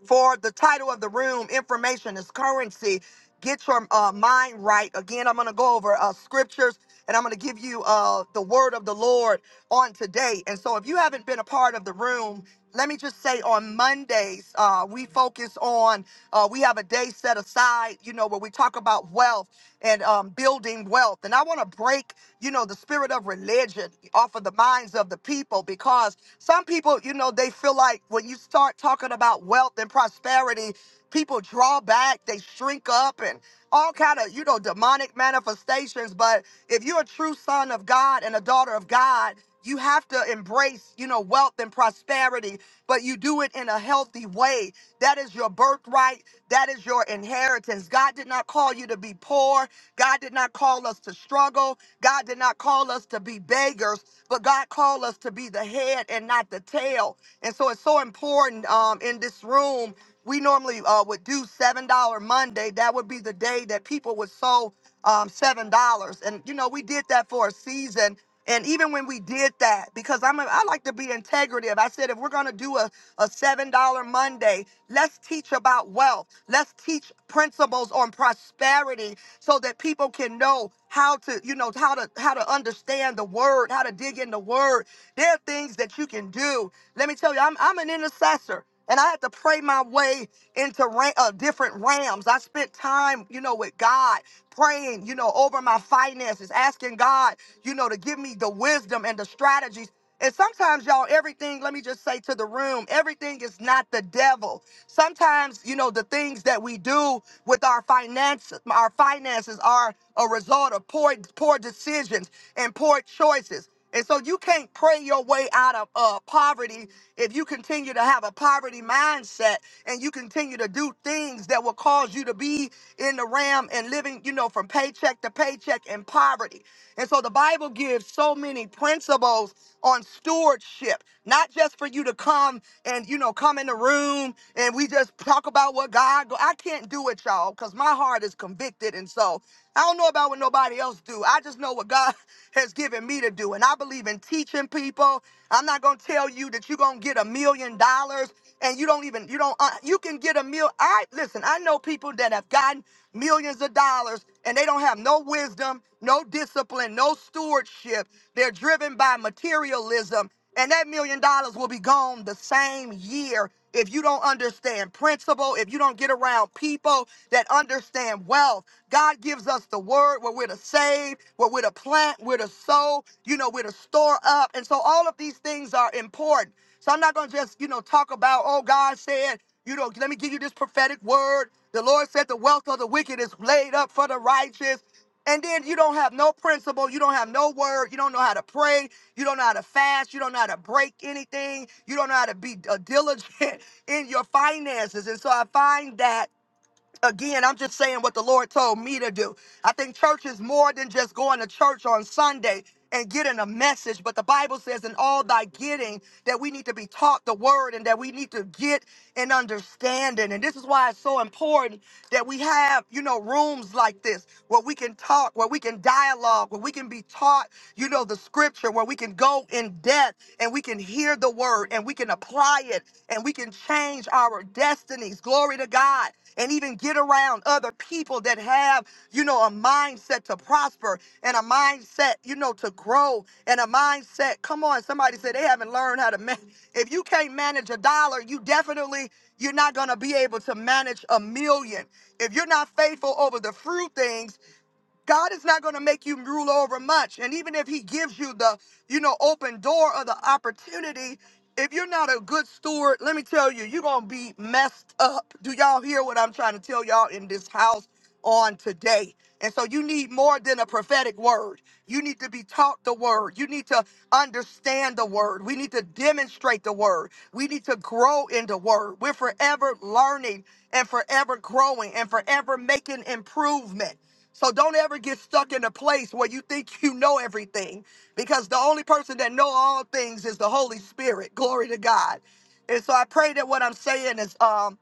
Speaker 1: for the title of the room information is currency get your uh, mind right again i'm going to go over uh, scriptures and i'm going to give you uh, the word of the lord on today and so if you haven't been a part of the room let me just say on mondays uh, we focus on uh, we have a day set aside you know where we talk about wealth and um, building wealth and i want to break you know, the spirit of religion off of the minds of the people because some people, you know, they feel like when you start talking about wealth and prosperity, people draw back, they shrink up and all kind of, you know, demonic manifestations. But if you're a true son of God and a daughter of God, you have to embrace, you know, wealth and prosperity, but you do it in a healthy way. That is your birthright. That is your inheritance. God did not call you to be poor. God did not call us to struggle. God did not call us to be beggars, but God called us to be the head and not the tail. And so it's so important um, in this room we normally uh, would do seven dollar Monday. That would be the day that people would sow um, seven dollars, and you know we did that for a season. And even when we did that, because I'm a, I like to be integrative. I said if we're gonna do a, a seven dollar Monday, let's teach about wealth. Let's teach principles on prosperity so that people can know how to you know how to how to understand the word, how to dig in the word. There are things that you can do. Let me tell you, I'm I'm an intercessor. And I had to pray my way into ra- uh, different realms. I spent time, you know, with God, praying, you know, over my finances, asking God, you know, to give me the wisdom and the strategies. And sometimes, y'all, everything, let me just say to the room, everything is not the devil. Sometimes, you know, the things that we do with our finances, our finances are a result of poor, poor decisions and poor choices. And so you can't pray your way out of uh, poverty if you continue to have a poverty mindset and you continue to do things that will cause you to be in the ram and living, you know, from paycheck to paycheck in poverty. And so the Bible gives so many principles on stewardship, not just for you to come and, you know, come in the room and we just talk about what God, go- I can't do it, y'all, because my heart is convicted. And so I don't know about what nobody else do. I just know what God has given me to do. And I believe in teaching people. I'm not going to tell you that you're going to get a million dollars and you don't even, you don't, uh, you can get a mil. I, listen, I know people that have gotten millions of dollars and they don't have no wisdom, no discipline, no stewardship. They're driven by materialism and that million dollars will be gone the same year if you don't understand principle, if you don't get around people that understand wealth. God gives us the word where we're to save, where we're to plant, where to sow, you know, we're to store up. And so all of these things are important. So I'm not going to just, you know, talk about, oh, God said, you know, let me give you this prophetic word. The Lord said the wealth of the wicked is laid up for the righteous. And then you don't have no principle, you don't have no word, you don't know how to pray, you don't know how to fast. You don't know how to break anything. You don't know how to be uh, diligent in your finances. And so I find that again, I'm just saying what the Lord told me to do. I think church is more than just going to church on Sunday and getting a message, but the Bible says in all thy getting that we need to be taught the word and that we need to get an understanding. And this is why it's so important that we have, you know, rooms like this where we can talk, where we can dialogue, where we can be taught, you know, the scripture, where we can go in depth and we can hear the word and we can apply it and we can change our destinies. Glory to God. And even get around other people that have, you know, a mindset to prosper and a mindset, you know, to grow and a mindset. Come on, somebody said they haven't learned how to manage. If you can't manage a dollar, you definitely, you're not going to be able to manage a million. If you're not faithful over the fruit things, God is not going to make you rule over much. And even if he gives you the, you know, open door or the opportunity, if you're not a good steward, let me tell you, you're going to be messed up. Do y'all hear what I'm trying to tell y'all in this house on today? And so you need more than a prophetic word. You need to be taught the word. You need to understand the word. We need to demonstrate the word. We need to grow in the word. We're forever learning and forever growing and forever making improvement. So don't ever get stuck in a place where you think you know everything because the only person that know all things is the Holy Spirit. Glory to God. And so I pray that what I'm saying is um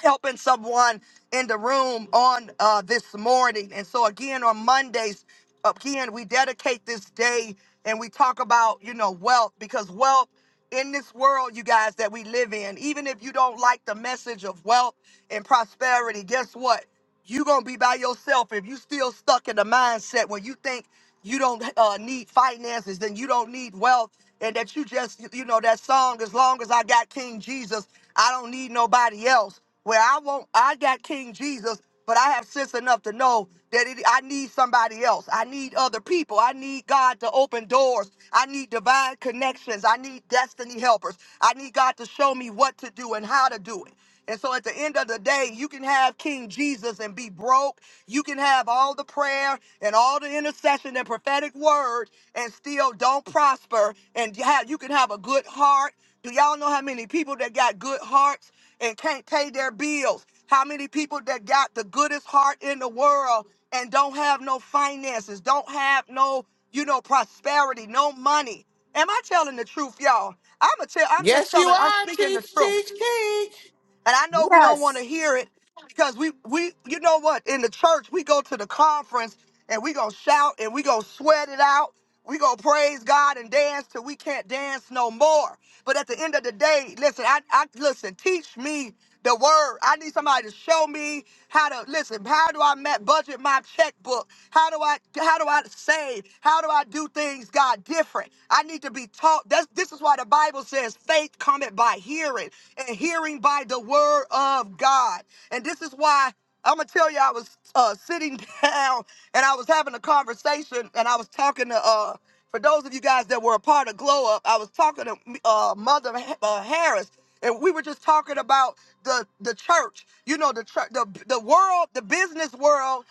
Speaker 1: helping someone in the room on uh, this morning. And so again on Mondays, again we dedicate this day and we talk about you know wealth because wealth in this world, you guys that we live in, even if you don't like the message of wealth and prosperity, guess what? you gonna be by yourself if you still stuck in the mindset where you think you don't uh, need finances, then you don't need wealth and that you just you know that song as long as i got king jesus i don't need nobody else where i won't i got king jesus but i have sense enough to know that it, i need somebody else i need other people i need god to open doors i need divine connections i need destiny helpers i need god to show me what to do and how to do it and so at the end of the day, you can have King Jesus and be broke. You can have all the prayer and all the intercession and prophetic word and still don't prosper and you have you can have a good heart do y'all know how many people that got good hearts and can't pay their bills how many people that got the goodest heart in the world and don't have no finances don't have no you know prosperity no money am i telling the truth y'all i'm a tell i'm just
Speaker 2: Yes, you
Speaker 1: telling i'm
Speaker 2: are.
Speaker 1: speaking the
Speaker 2: Teach,
Speaker 1: truth
Speaker 2: teach, teach.
Speaker 1: and i know we don't want to
Speaker 4: Yes.
Speaker 1: hear it because we we you know what in the church we go to the conference and we gonna shout and we gonna sweat it out we gonna praise god and dance till we can't dance no more but at the end of the day listen i, I listen teach me the word i need somebody to show me how to listen how do i ma- budget my checkbook how do i how do i save how do i do things god different i need to be taught That's, this is why the bible says faith cometh by hearing and hearing by the word of god and this is why I'm gonna tell you, I was uh, sitting down and I was having a conversation, and I was talking to uh, for those of you guys that were a part of Glow Up, I was talking to uh, Mother uh, Harris, and we were just talking about the the church. You know, the church, the the world, the business world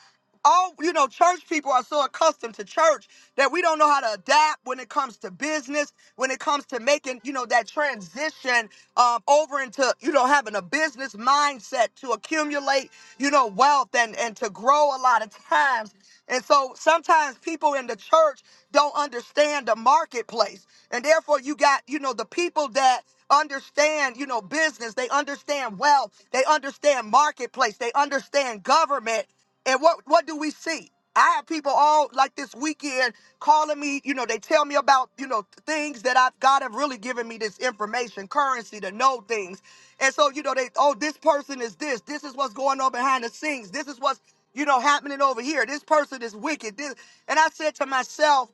Speaker 1: all you know church people are so accustomed to church that we don't know how to adapt when it comes to business when it comes to making you know that transition um, over into you know having a business mindset to accumulate you know wealth and and to grow a lot of times and so sometimes people in the church don't understand the marketplace and therefore you got you know the people that understand, you know, business. They understand wealth. They understand marketplace. They understand government. And what what do we see? I have people all like this weekend calling me, you know, they tell me about, you know, things that I've God have really given me this information, currency to know things. And so, you know, they, oh, this person is this, this is what's going on behind the scenes, this is what's, you know, happening over here. This person is wicked. This and I said to myself,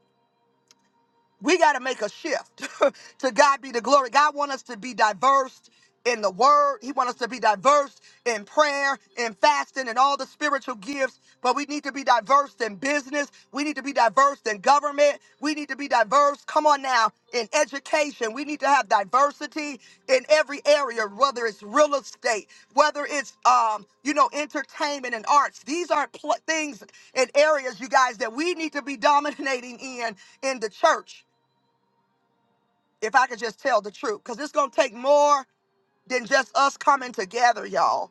Speaker 1: we got to make a shift to god be the glory god want us to be diverse in the word he want us to be diverse in prayer in fasting and all the spiritual gifts but we need to be diverse in business we need to be diverse in government we need to be diverse come on now in education we need to have diversity in every area whether it's real estate whether it's um you know entertainment and arts these are pl- things and areas you guys that we need to be dominating in in the church if I could just tell the truth, because it's going to take more than just us coming together, y'all,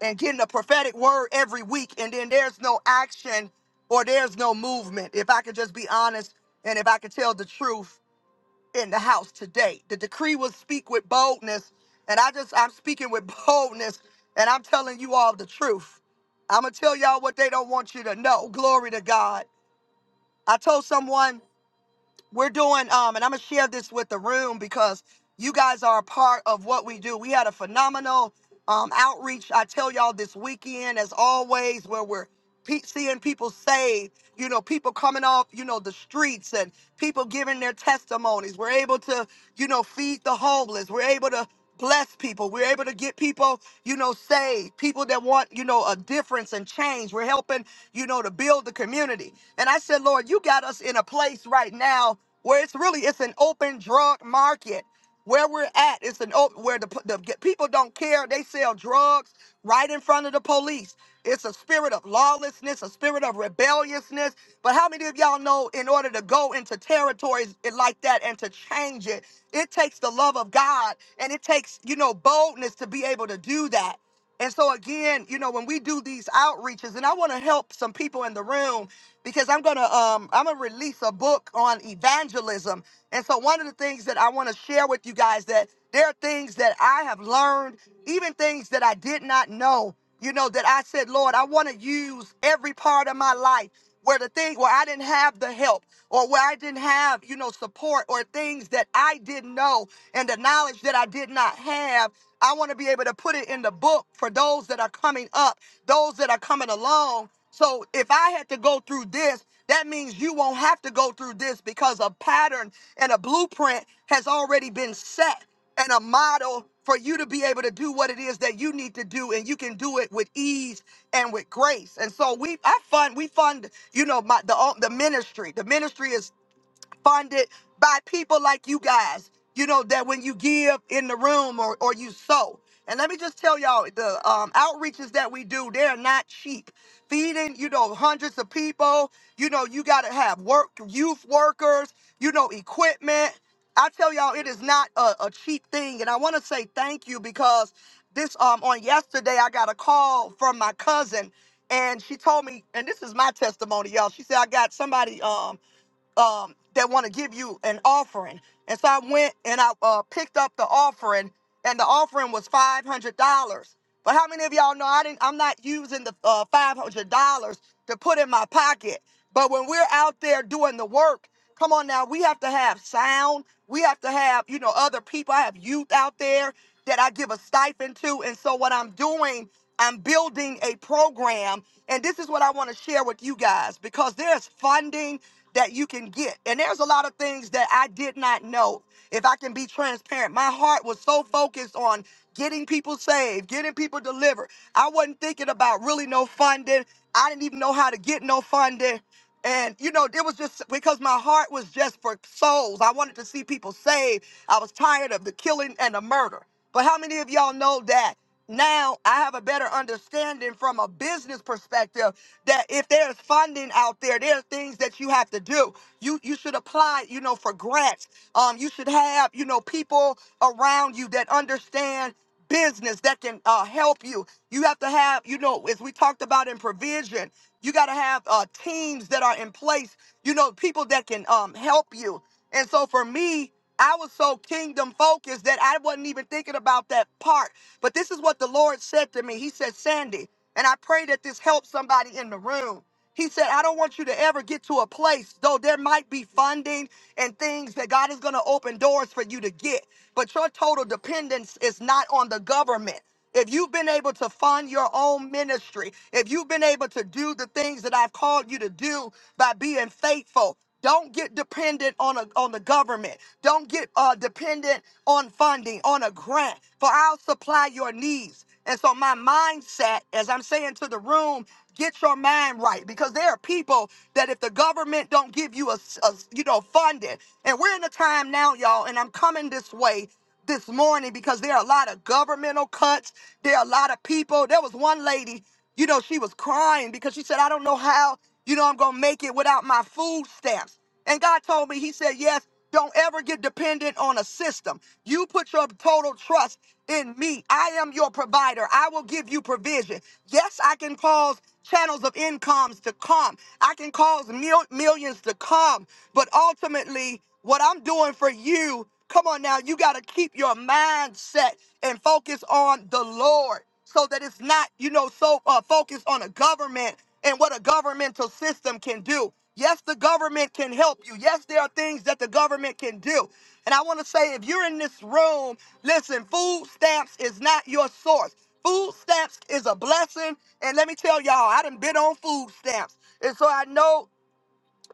Speaker 1: and getting a prophetic word every week, and then there's no action or there's no movement. If I could just be honest and if I could tell the truth in the house today, the decree will speak with boldness, and I just, I'm speaking with boldness, and I'm telling you all the truth. I'm going to tell y'all what they don't want you to know. Glory to God. I told someone we're doing um and i'm gonna share this with the room because you guys are a part of what we do we had a phenomenal um outreach i tell y'all this weekend as always where we're pe- seeing people saved, you know, people coming off, you know, the streets and people giving their testimonies. We're able to, you know, feed the homeless. We're able to bless people. We're able to get people, you know, saved, people that want, you know, a difference and change. We're helping, you know, to build the community. And I said, Lord, you got us in a place right now where it's really it's an open drug market. Where we're at is an open where the, p- the g- people don't care. They sell drugs right in front of the police. It's a spirit of lawlessness, a spirit of rebelliousness. But how many of y'all know in order to go into territories i- like that and to change it, it takes the love of God and it takes, you know, boldness to be able to do that. And so again, you know, when we do these outreaches, and I want to help some people in the room because I'm gonna um I'm gonna release a book on evangelism. And so one of the things that I want to share with you guys that there are things that I have learned, even things that I did not know you know that i said lord i want to use every part of my life where the thing where i didn't have the help or where i didn't have you know support or things that i didn't know and the knowledge that i did not have i want to be able to put it in the book for those that are coming up those that are coming along so if i had to go through this that means you won't have to go through this because a pattern and a blueprint has already been set and a model for you to be able to do what it is that you need to do and you can do it with ease and with grace and so we i fund we fund you know my the um, the ministry the ministry is funded by people like you guys. You know that when you give in the room or or you sow. And let me just tell y'all the um, outreaches that we do, they're not cheap. Feeding, you know, hundreds of people. You know, you got to have work, youth workers. You know, equipment. I tell y'all, it is not a, a cheap thing. And I want to say thank you because this um on yesterday I got a call from my cousin and she told me, and this is my testimony, y'all. She said I got somebody. Um um, that want to give you an offering. And so I went and I uh, picked up the offering, and the offering was five hundred dollars. But how many of y'all know I didn't? I'm not using the uh, five hundred dollars to put in my pocket. But when we're out there doing the work, come on now, we have to have sound. We have to have you know other people. I have youth out there that I give a stipend to, and so what I'm doing. I'm building a program, and this is what I want to share with you guys because there's funding that you can get. And there's a lot of things that I did not know. If I can be transparent, my heart was so focused on getting people saved, getting people delivered. I wasn't thinking about really no funding. I didn't even know how to get no funding. And you know, it was just because my heart was just for souls. I wanted to see people saved. I was tired of the killing and the murder. But how many of y'all know that now I have a better understanding from a business perspective that if there's funding out there, there are things that you have to do. You you should apply, you know, for grants. Um, you should have, you know, people around you that understand business that can uh, help you. You have to have, you know, as we talked about in provision, you got to have uh, teams that are in place, you know, people that can um, help you. And so for me, I was so kingdom focused that I wasn't even thinking about that part. But this is what the Lord said to me. He said, Sandy, and I pray that this helps somebody in the room. He said, I don't want you to ever get to a place, though there might be funding and things that God is going to open doors for you to get, but your total dependence is not on the government. If you've been able to fund your own ministry, if you've been able to do the things that I've called you to do by being faithful, don't get dependent on a, on the government. Don't get uh, dependent on funding, on a grant, for I'll supply your needs. And so my mindset, as I'm saying to the room, get your mind right because there are people that if the government don't give you a, a you know funding, and we're in a time now, y'all, and I'm coming this way this morning because there are a lot of governmental cuts. There are a lot of people. There was one lady, you know, she was crying because she said, I don't know how, you know, I'm gonna make it without my food stamps. And God told me, He said, Yes. Don't ever get dependent on a system. You put your total trust in me. I am your provider. I will give you provision. Yes, I can cause channels of incomes to come. I can cause mil- millions to come. But ultimately, what I'm doing for you, come on now, you got to keep your mindset and focus on the Lord so that it's not, you know, so uh, focused on a government and what a governmental system can do. Yes, the government can help you. Yes, there are things that the government can do. And I want to say if you're in this room, listen, food stamps is not your source. Food stamps is a blessing. And let me tell y'all, I done been on food stamps. And so I know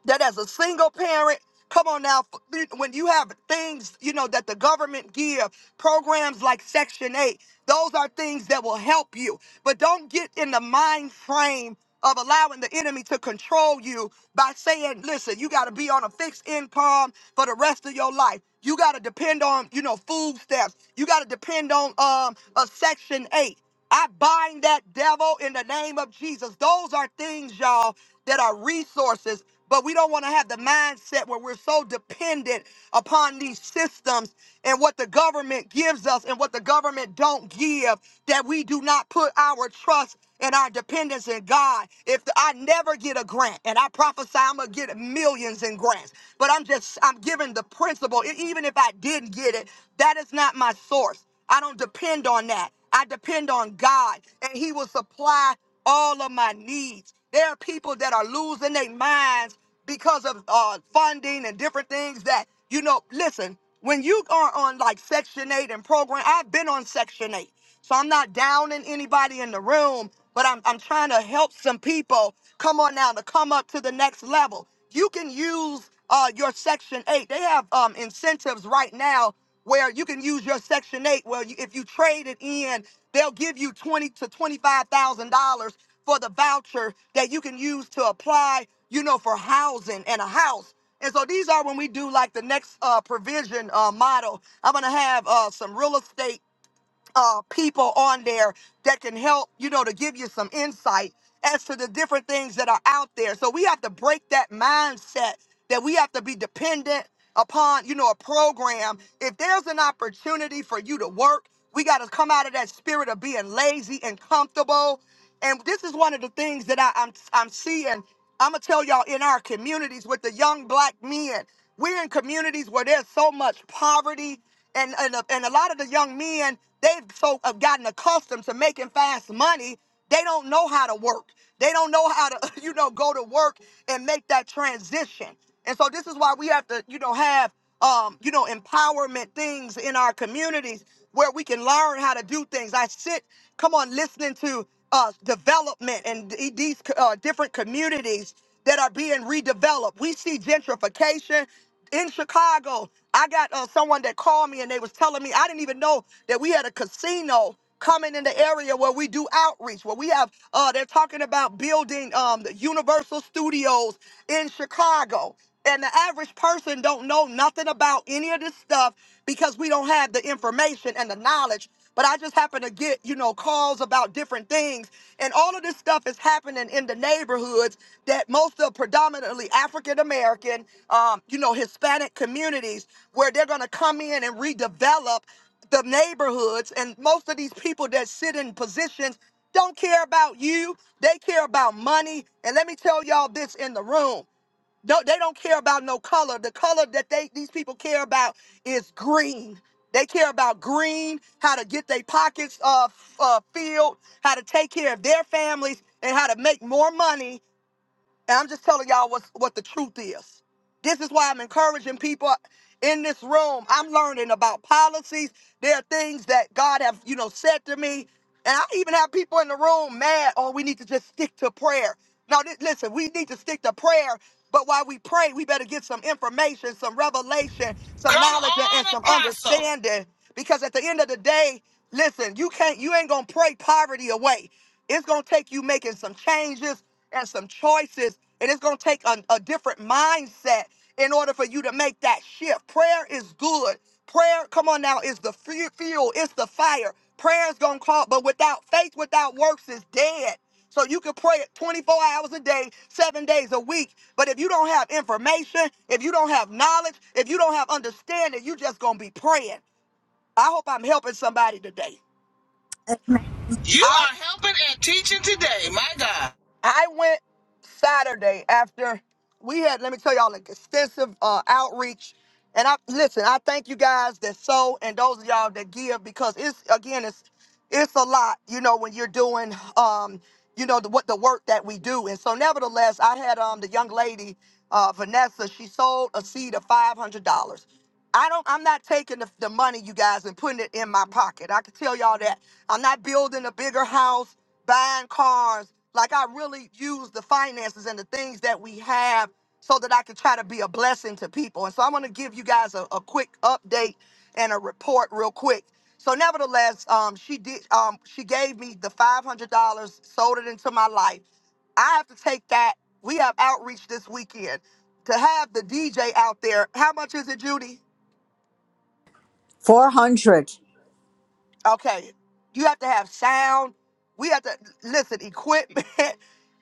Speaker 1: that as a single parent, come on now, f- when you have things, you know, that the government give, programs like Section 8, those are things that will help you. But don't get in the mind frame of allowing the enemy to control you by saying, listen, you got to be on a fixed income for the rest of your life. You got to depend on, you know, food stamps. You got to depend on um, a Section 8. I bind that devil in the name of Jesus. Those are things, y'all, that are resources, but we don't want to have the mindset where we're so dependent upon these systems and what the government gives us and what the government don't give that we do not put our trust and our dependence in God. If I never get a grant, and I prophesy I'm gonna get millions in grants, but I'm just I'm giving the principle. E- Even if I didn't get it, that is not my source. I don't depend on that. I depend on God, and He will supply all of my needs. There are people that are losing their minds because of uh, funding and different things that, you know, listen, when you are on like Section 8 and program, I've been on Section 8. So I'm not downing anybody in the room, but I'm, I'm trying to help some people come on now to come up to the next level. You can use uh, your Section 8. They have um, incentives right now where you can use your Section 8. Well, you, if you trade it in, they'll give you twenty to $25,000 for the voucher that you can use to apply, you know, for housing and a house. And so these are when we do like the next uh, provision uh, model. I'm gonna have uh, some real estate uh, people on there that can help, you know, to give you some insight as to the different things that are out there. So we have to break that mindset that we have to be dependent upon, you know, a program. If there's an opportunity for you to work, we got to come out of that spirit of being lazy and comfortable. And this is one of the things that I, I'm I'm seeing. I'm gonna tell y'all in our communities with the young black men, we're in communities where there's so much poverty and and a, and a lot of the young men they've so have gotten accustomed to making fast money they don't know how to work they don't know how to you know go to work and make that transition and so this is why we have to you know have um you know empowerment things in our communities where we can learn how to do things i sit come on listening to uh development and th- these uh, different communities that are being redeveloped we see gentrification in Chicago, I got uh, someone that called me and they was telling me I didn't even know that we had a casino coming in the area where we do outreach. Where we have, uh, they're talking about building um, the Universal Studios in Chicago. And the average person don't know nothing about any of this stuff because we don't have the information and the knowledge. But I just happen to get, you know, calls about different things. And all of this stuff is happening in the neighborhoods that most of predominantly African American, um, you know, Hispanic communities where they're going to come in and redevelop the neighborhoods. And most of these people that sit in positions don't care about you. They care about money. And let me tell y'all this in the room. No, they don't care about no color. The color that they these people care about is green. They care about green, how to get their pockets uh, f- uh, filled, how to take care of their families, and how to make more money and I'm just telling y'all what's, what the truth is. This is why I'm encouraging people in this room. I'm learning about policies. There are things that God have, you know, said to me. And I even have people in the room mad, oh, we need to just stick to prayer. Now, li- listen, we need to stick to prayer. But while we pray, we better get some information, some revelation, some
Speaker 2: Come
Speaker 1: knowledge, and and
Speaker 2: on,
Speaker 1: some
Speaker 2: Apostle.
Speaker 1: understanding. Because at the end of the day, listen, you can't, you ain't gonna pray poverty away. It's going to take you making some changes and some choices, and it's going to take a, a different mindset in order for you to make that shift. Prayer is good. Prayer, come on now, is the fu- fuel, it's the fire. Prayer is going to call, but without faith, without works, is dead. So you can pray it 24 hours a day, seven days a week. But if you don't have information, if you don't have knowledge, if you don't have understanding, you just going to be praying. I hope I'm helping somebody today.
Speaker 4: Amen.
Speaker 2: You are helping and teaching today, my God.
Speaker 1: I went Saturday after we had, let me tell y'all, an extensive uh, outreach. And I listen, I thank you guys that sow and those of y'all that give because it's again, it's it's a lot, you know, when you're doing um, you know, the, what the work that we do. And so nevertheless, I had um the young lady, uh Vanessa, she sold a seed of five hundred dollars. I don't I'm not taking the, the money, you guys, and putting it in my pocket. I can tell y'all that. I'm not building a bigger house buying cars. Like I really use the finances and the things that we have so that I can try to be a blessing to people. And so I'm going to give you guys a, a quick update and a report real quick. So nevertheless, um, she did. Um, she gave me the five hundred dollars, sold it into my life. I have to take that. We have outreach this weekend to have the DJ out there. How much is it, Judy?
Speaker 4: 400.
Speaker 1: Okay. You have to have sound. We have to listen, equipment.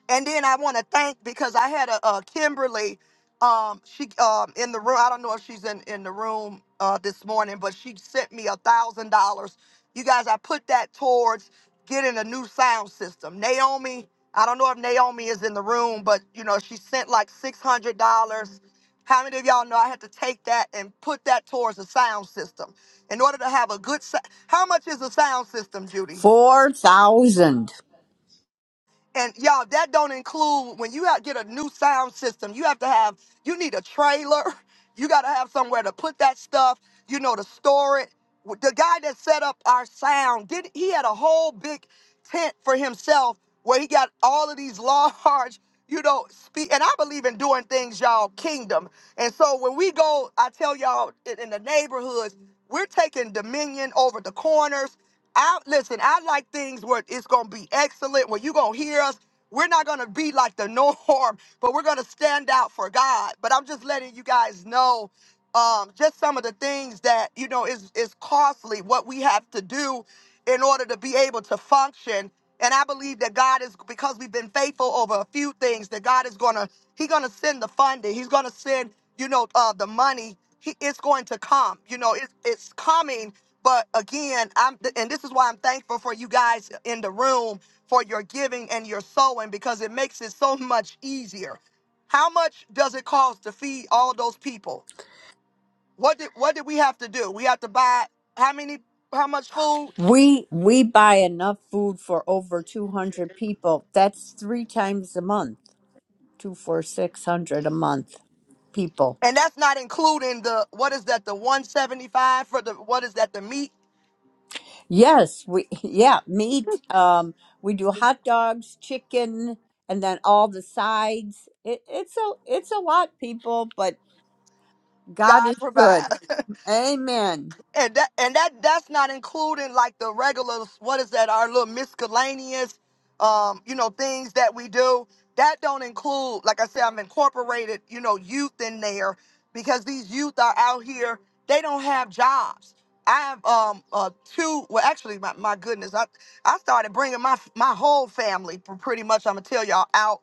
Speaker 1: and then I want to thank because I had a, a Kimberly um she um in the room. I don't know if she's in in the room uh this morning, but she sent me a thousand dollars. You guys, I put that towards getting a new sound system. Naomi, I don't know if Naomi is in the room, but you know, she sent like six hundred dollars. How many of y'all know I had to take that and put that towards a sound system? in order to have a good sound how much is a sound system, Judy?
Speaker 4: 4,000.
Speaker 1: And y'all, that don't include when you out- get a new sound system, you have to have, you need a trailer. You got to have somewhere to put that stuff, you know, to store it. W- The guy that set up our sound, did he had a whole big tent for himself where he got all of these large, you know, spe- and I believe in doing things, y'all, kingdom. And so when we go, I tell y'all in in the neighborhoods, we're taking dominion over the corners. I listen, I like things where it's gonna be excellent, where you're gonna hear us. We're not gonna be like the norm, but we're gonna stand out for God. But I'm just letting you guys know um, just some of the things that you know is is costly, what we have to do in order to be able to function. And I believe that God is because we've been faithful over a few things, that God is gonna He's gonna send the funding. He's gonna send, you know, uh, the money. He, it's going to come. You know, it's it's coming but again, I'm and this is why I'm thankful for you guys in the room for your giving and your sowing because it makes it so much easier. How much does it cost to feed all those people? What did what did we have to do? We have to buy how many how much food?
Speaker 4: We we buy enough food for over 200 people. That's 3 times a month. 2 for 600 a month people.
Speaker 1: And that's not including the what is that the 175 for the what is that the meat
Speaker 4: Yes, we yeah, meat. Um, we do hot dogs, chicken, and then all the sides. It, it's a it's a lot, people, but God
Speaker 1: God
Speaker 4: is good.
Speaker 1: provides.
Speaker 4: Amen.
Speaker 1: And that and that that's not including like the regular what is that, our little miscellaneous um, you know, things that we do. That don't include, like I said, I've incorporated, you know, youth in there because these youth are out here, they don't have jobs. I have um uh two well actually my, my goodness I I started bringing my my whole family pr- pretty much I'm gonna tell y'all out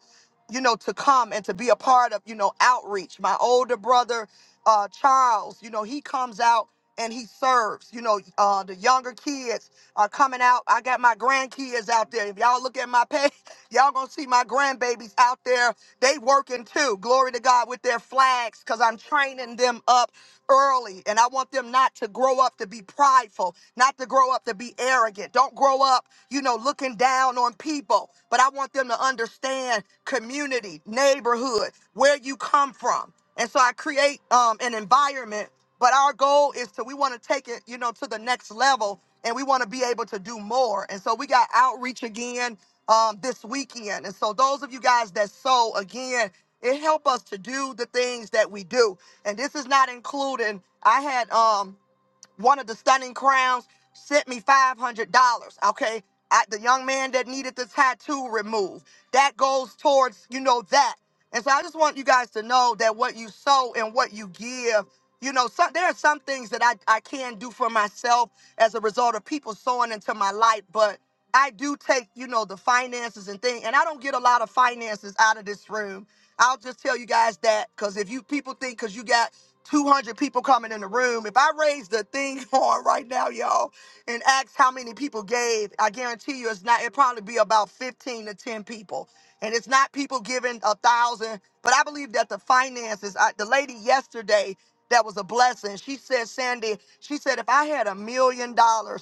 Speaker 1: you know to come and to be a part of you know outreach my older brother uh Charles you know he comes out and he serves. You know, uh, the younger kids are coming out. I got my grandkids out there. If y'all look at my page, y'all gonna see my grandbabies out there. They working too. Glory to God with their flags, cause I'm training them up early. And I want them not to grow up to be prideful, not to grow up to be arrogant. Don't grow up, you know, looking down on people. But I want them to understand community, neighborhood, where you come from. And so I create um, an environment. But our goal is to, we want to take it, you know, to the next level and we want to be able to do more. And so we got outreach again um, this weekend. And so those of you guys that sow again, it help us to do the things that we do. And this is not including. I had um one of the stunning crowns sent me $500 okay I, the young man that needed the tattoo removed that goes towards you know that and so i just want you guys to know that what you sow and what you give you know some, there are some things that I, I can do for myself as a result of people sowing into my life but i do take you know the finances and thing and i don't get a lot of finances out of this room i'll just tell you guys that because if you people think because you got 200 people coming in the room. If I raise the thing on right now, y'all, and ask how many people gave, I guarantee you it's not, it probably be about 15 to 10 people. And it's not people giving a thousand, but I believe that the finances, I, the lady yesterday that was a blessing, she said, Sandy, she said, if I had a million dollars,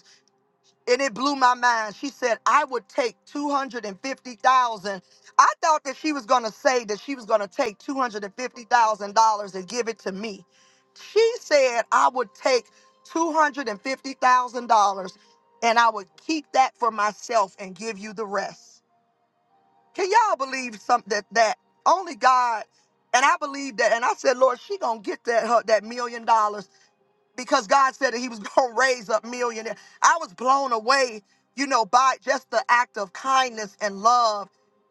Speaker 1: and it blew my mind. She said, I would take 250,000. I thought that she was going to say that she was going to take $250,000 and give it to me. She said, I would take $250,000 and I would keep that for myself and give you the rest. Can y'all believe something that, that only God and I believe that and I said, Lord, she going to get that her, that million dollars because God said that He was going to raise up millionaires. I was blown away, you know, by just the act of kindness and love,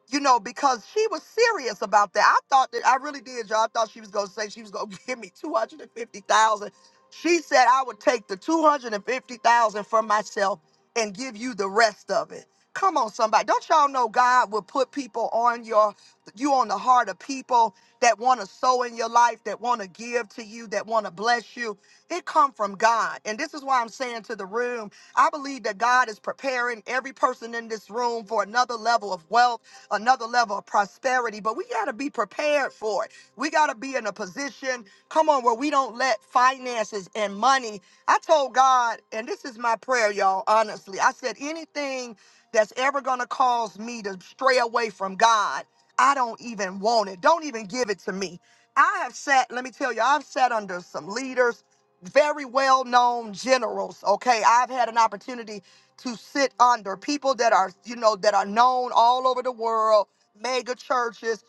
Speaker 1: you know, because she was serious about that. I thought that I really did, y'all. I thought she was going to say she was going to give me two hundred and fifty thousand. dollars. She said I would take the two hundred and fifty thousand dollars for myself and give you the rest of it. Come on, somebody. Don't y'all know God will put people on your you on the heart of people that want to sow in your life, that want to give to you, that want to bless you it come from God. And this is why I'm saying to the room, I believe that God is preparing every person in this room for another level of wealth, another level of prosperity, but we got to be prepared for it. We got to be in a position, come on, where we don't let finances and money. I told God, and this is my prayer, y'all, honestly. I said anything that's ever going to cause me to stray away from God, I don't even want it. Don't even give it to me. I have sat, let me tell you, I've sat under some leaders very well known generals. Okay, I've had an opportunity to sit under people that are, you know, that are known all over the world, mega churches.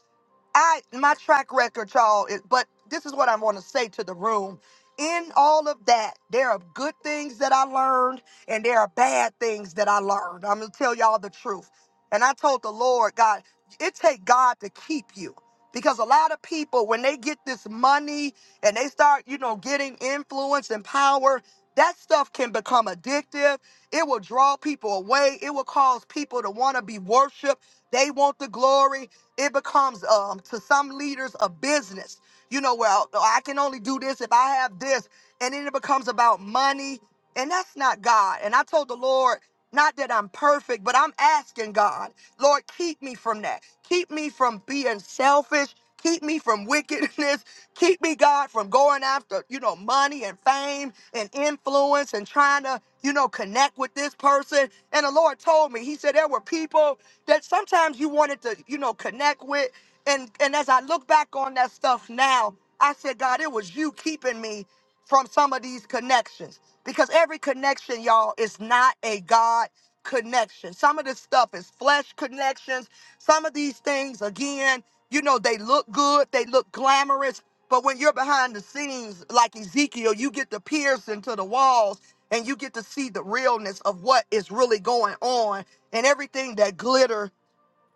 Speaker 1: I my track record, y'all, is, but this is what I want to say to the room. In all of that, there are good things that I learned and there are bad things that I learned. I'm gonna tell y'all the truth. And I told the Lord, God, it take God to keep you. Because a lot of people, when they get this money and they start, you know, getting influence and power, that stuff can become addictive. It will draw people away. It will cause people to want to be worshiped. They want the glory. It becomes um, to some leaders a business. You know, well, oh, I can only do this if I have this, and then it becomes about money, and that's not God. And I told the Lord, not that I'm perfect, but I'm asking God, Lord, keep me from that. Keep me from being selfish. Keep me from wickedness. Keep me, God, from going after, you know, money and fame and influence and trying to, you know, connect with this person. And the Lord told me, He said, there were people that sometimes you wanted to, you know, connect with. And and as I look back on that stuff now, I said, God, it was you keeping me from some of these connections. Because every connection, y'all, is not a God connection. Some of this stuff is flesh connections. Some of these things, again, you know, they look good, they look glamorous. But when you're behind the scenes, like Ezekiel, you get to pierce into the walls and you get to see the realness of what is really going on and everything that glitter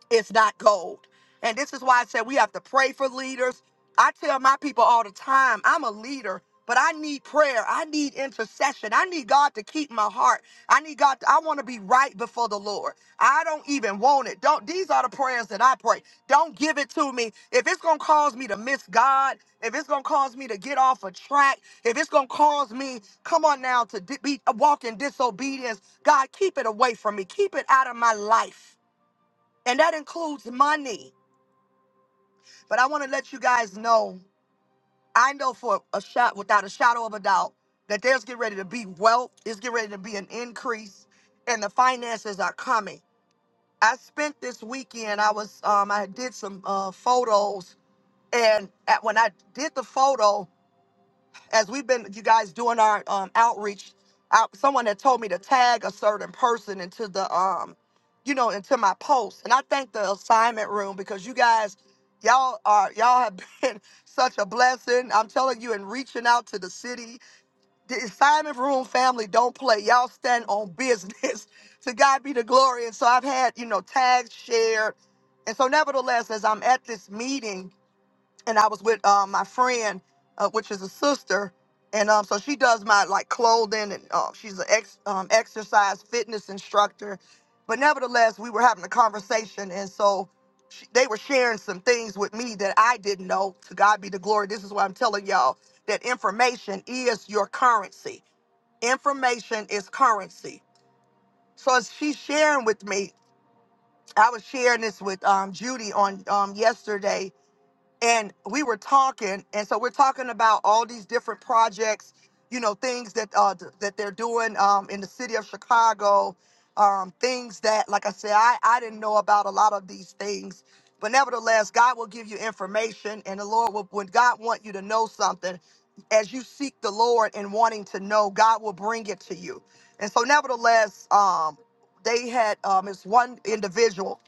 Speaker 1: it's not gold. And this is why I said we have to pray for leaders. I tell my people all the time, I'm a leader, but I need prayer. I need intercession. I need God to keep my heart. I need God. To, I want to be right before the Lord. I don't even want it. Don't. These are the prayers that I pray. Don't give it to me. If it's gonna cause me to miss God, if it's gonna cause me to get off a track, if it's gonna cause me, come on now, to di- be walk in disobedience. God, keep it away from me. Keep it out of my life and that includes money. But I want to let you guys know, I know for a shot, without a shadow of a doubt, that there's getting ready to be wealth, it's getting ready to be an increase, and the finances are coming. I spent this weekend, I was, um, I did some uh, photos, and at, when I did the photo, as we've been you guys doing our um, outreach out someone had told me to tag a certain person into the um you know into my post and i thank the assignment room because you guys y'all are y'all have been such a blessing i'm telling you and reaching out to the city the assignment room family don't play y'all stand on business to god be the glory and so i've had you know tags shared and so nevertheless as i'm at this meeting and I was with um, my friend, uh, which is a sister, and um, so she does my like clothing, and uh, she's an ex um, exercise fitness instructor. But nevertheless, we were having a conversation, and so she, they were sharing some things with me that I didn't know. To God be the glory. This is what I'm telling y'all that information is your currency. Information is currency. So as she's sharing with me, I was sharing this with um, Judy on um, yesterday and we were talking and so we're talking about all these different projects you know things that uh th- that they're doing um in the city of chicago um things that like i said i i didn't know about a lot of these things but nevertheless god will give you information and the lord will when god want you to know something as you seek the lord and wanting to know god will bring it to you and so nevertheless um they had um it's one individual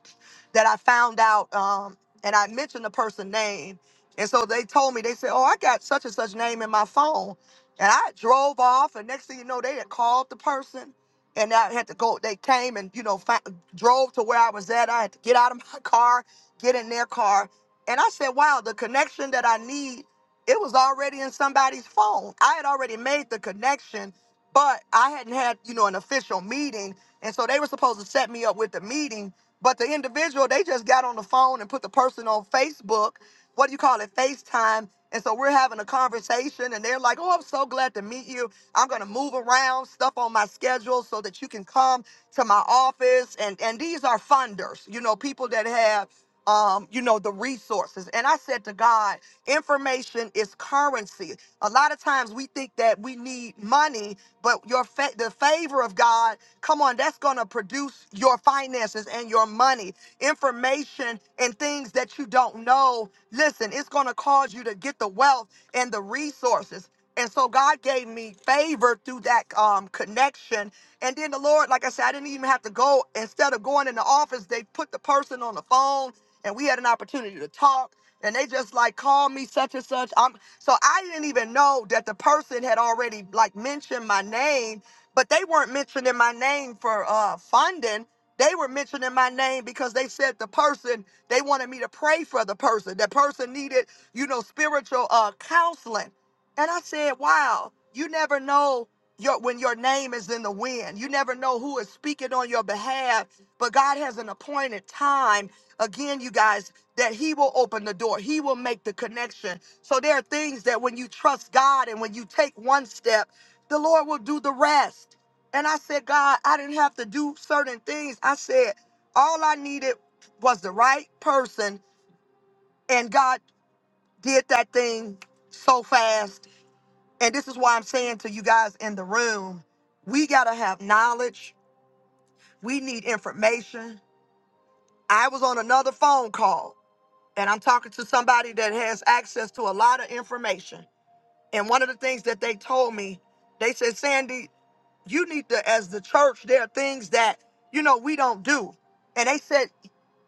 Speaker 1: that i found out Um, and I mentioned the person's name. And so they told me, they said, Oh, I got such and such name in my phone. And I drove off, and next thing you know, they had called the person. And I had to go, they came and, you know, fi- drove to where I was at. I had to get out of my car, get in their car. And I said, Wow, the connection that I need, it was already in somebody's phone. I had already made the connection, but I hadn't had, you know, an official meeting. And so they were supposed to set me up with the meeting but the individual, they just got on the phone and put the person on Facebook. What do you call it? FaceTime. And so we're having a conversation, and they're like, Oh, I'm so glad to meet you. I'm going to move around stuff on my schedule so that you can come to my office. And, and these are funders, you know, people that have, um, you know, the resources. And I said to God, information is currency. A lot of times we think that we need money, but your fa- the favor of God Come on, that's going to produce your finances and your money, information and things that you don't know. Listen, it's going to cause you to get the wealth and the resources. And so God gave me favor through that um, connection. And then the Lord, like I said, I didn't even have to go. Instead of going in the office, they put the person on the phone and we had an opportunity to talk. And they just like called me such and such. I'm so I didn't even know that the person had already like mentioned my name but they weren't mentioning my name for uh, funding. They were mentioning my name because they said the person they wanted me to pray for the person. That person needed, you know, spiritual uh, counseling. And I said, "Wow, you never know your when your name is in the wind. You never know who is speaking on your behalf, but God has an appointed time. Again, you guys, that He will open the door. He will make the connection. So there are things that when you trust God and when you take one step." the Lord will do the rest. And I said, God, I didn't have to do certain things. I said, all I needed was the right person. And God did that thing so fast. And this is why I'm saying to you guys in the room, we got to have knowledge. We need information. I was on another phone call and I'm talking to somebody that has access to a lot of information. And one of the things that they told me, they said, Sandy, you need to as the church there are things that you know we don't do and they said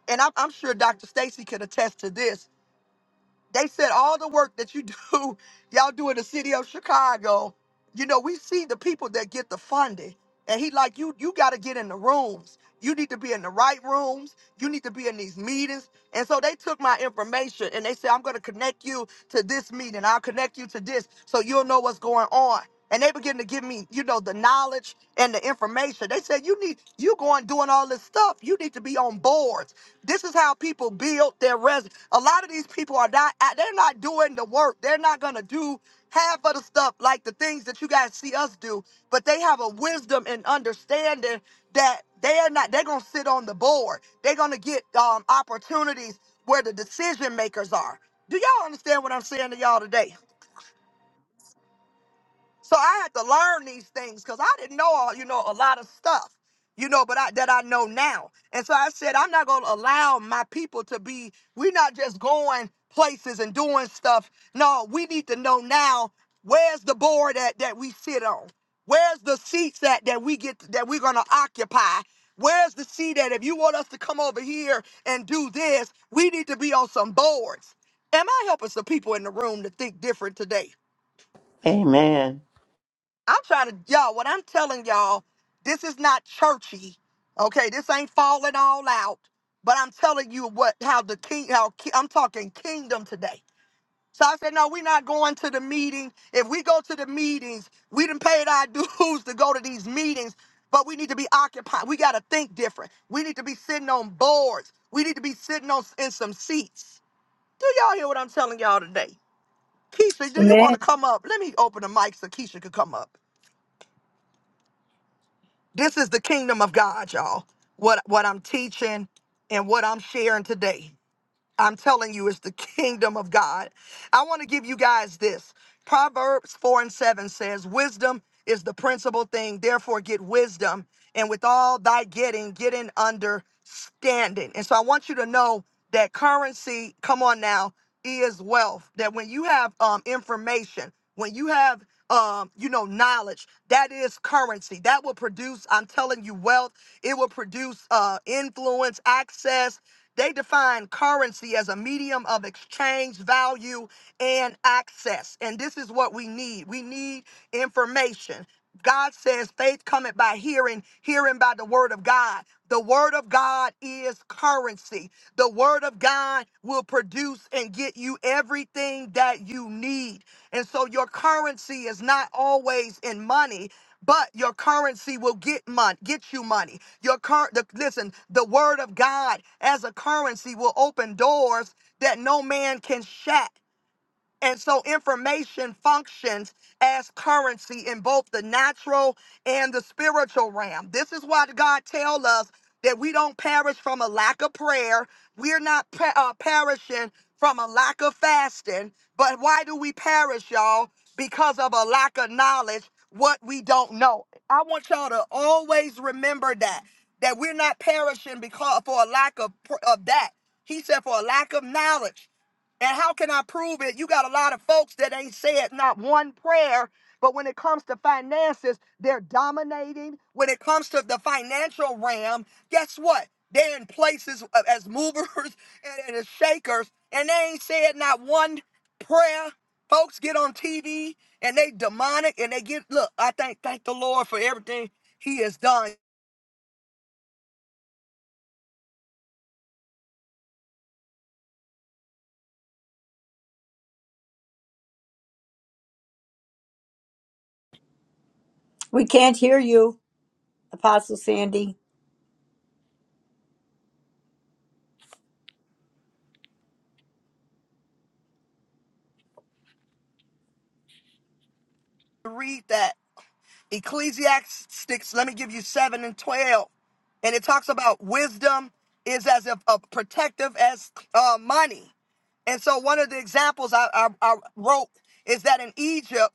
Speaker 1: and i'm, I'm sure dr stacy could attest to this they said all the work that you do, y'all do in the city of Chicago. You know, we see the people that get the funding. And he like, you you gotta get in the rooms. You need to be in the right rooms. You need to be in these meetings. And so they took my information and they said, I'm gonna connect you to this meeting. I'll connect you to this so you'll know what's going on. And they begin to give me, you know, the knowledge and the information. They said, you need you going doing all this stuff. You need to be on boards. This is how people build their resume. A lot of these people are not they're not doing the work. They're not gonna do half of the stuff like the things that you guys see us do, but they have a wisdom and understanding that they are not they're gonna sit on the board. They're gonna get um opportunities where the decision makers are. Do y'all understand what I'm saying to y'all today? So I had to learn these things because I didn't know, all- you know, a lot of stuff, you know, but I, that I know now. And so I said, I'm not going to allow my people to be, we're not just going places and doing stuff. No, we need to know now where's the board that, that we sit on? Where's the seats that, that we get, that we're going to occupy? Where's the seat that if you want us to come over here and do this, we need to be on some boards? Am I helping some people in the room to think different today?
Speaker 7: Amen.
Speaker 1: I'm trying to, y'all, what I'm telling y'all, this is not churchy. Okay, this ain't falling all out, but I'm telling you what, how the king, how ki- I'm talking kingdom today. So I said, no, we're not going to the meeting. If we go to the meetings, we done paid our dues to go to these meetings, but we need to be occupied. We got to think different. We need to be sitting on boards. We need to be sitting on in some seats. Do y'all hear what I'm telling y'all today? Keisha, do you want
Speaker 4: Amen.
Speaker 1: to come up? Let me open the mic so Keisha could come up. This is the kingdom of God, y'all. What what I'm teaching and what I'm sharing today. I'm telling you, it's the kingdom of God. I want to give you guys this. Proverbs 4 and 7 says, Wisdom is the principal thing. Therefore, get wisdom. And with all thy getting, get in understanding. And so I want you to know that currency, come on now, is wealth. That when you have um, information, when you have um, you know, knowledge that is currency that will produce. I'm telling you, wealth. It will produce uh, influence, access. They define currency as a medium of exchange, value, and access. And this is what we need. We need information. God says faith cometh by hearing, hearing by the word of God. The word of God is currency. The word of God will produce and get you everything that you need. And so your currency is not always in money, but your currency will get money, get you money. Your cur- the, listen, the word of God as a currency will open doors that no man can shut. And so information functions as currency in both the natural and the spiritual realm. This is why God tells us that we don't perish from a lack of prayer. We're not pe- uh, perishing from a lack of fasting. But why do we perish, y'all? Because of a lack of knowledge, what we don't know. I want y'all to always remember that, that we're not perishing because for a lack of, pr- of that. He said for a lack of knowledge. And how can I prove it? You got a lot of folks that ain't said not one prayer, but when it comes to finances, they're dominating. When it comes to the financial realm, guess what? They're in places uh, as movers and, and as shakers, and they ain't said not one prayer. Folks get on TV and they demonic and they get look. I thank thank the Lord for everything He has done.
Speaker 4: We can't hear you, Apostle Sandy.
Speaker 1: Read that. Ecclesiastics, let me give you 7 and 12. And it talks about wisdom is as if uh, protective as uh, money. And so one of the examples I, I, I wrote is that in Egypt,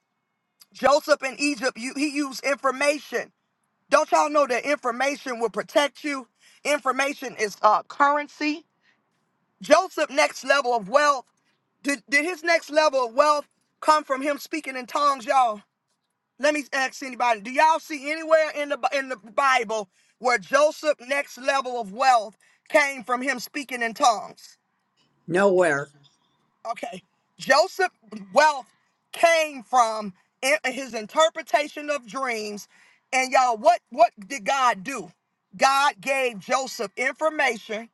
Speaker 1: Joseph in Egypt, you, he used information. Don't y'all know that information will protect you? Information is uh, currency. Joseph next level of wealth. Did, did his next level of wealth come from him speaking in tongues, y'all? Let me ask anybody: Do y'all see anywhere in the in the Bible where Joseph' next level of wealth came from him speaking in tongues?
Speaker 4: Nowhere.
Speaker 1: Okay, Joseph's wealth came from in- his interpretation of dreams. And y'all, what what did God do? God gave Joseph information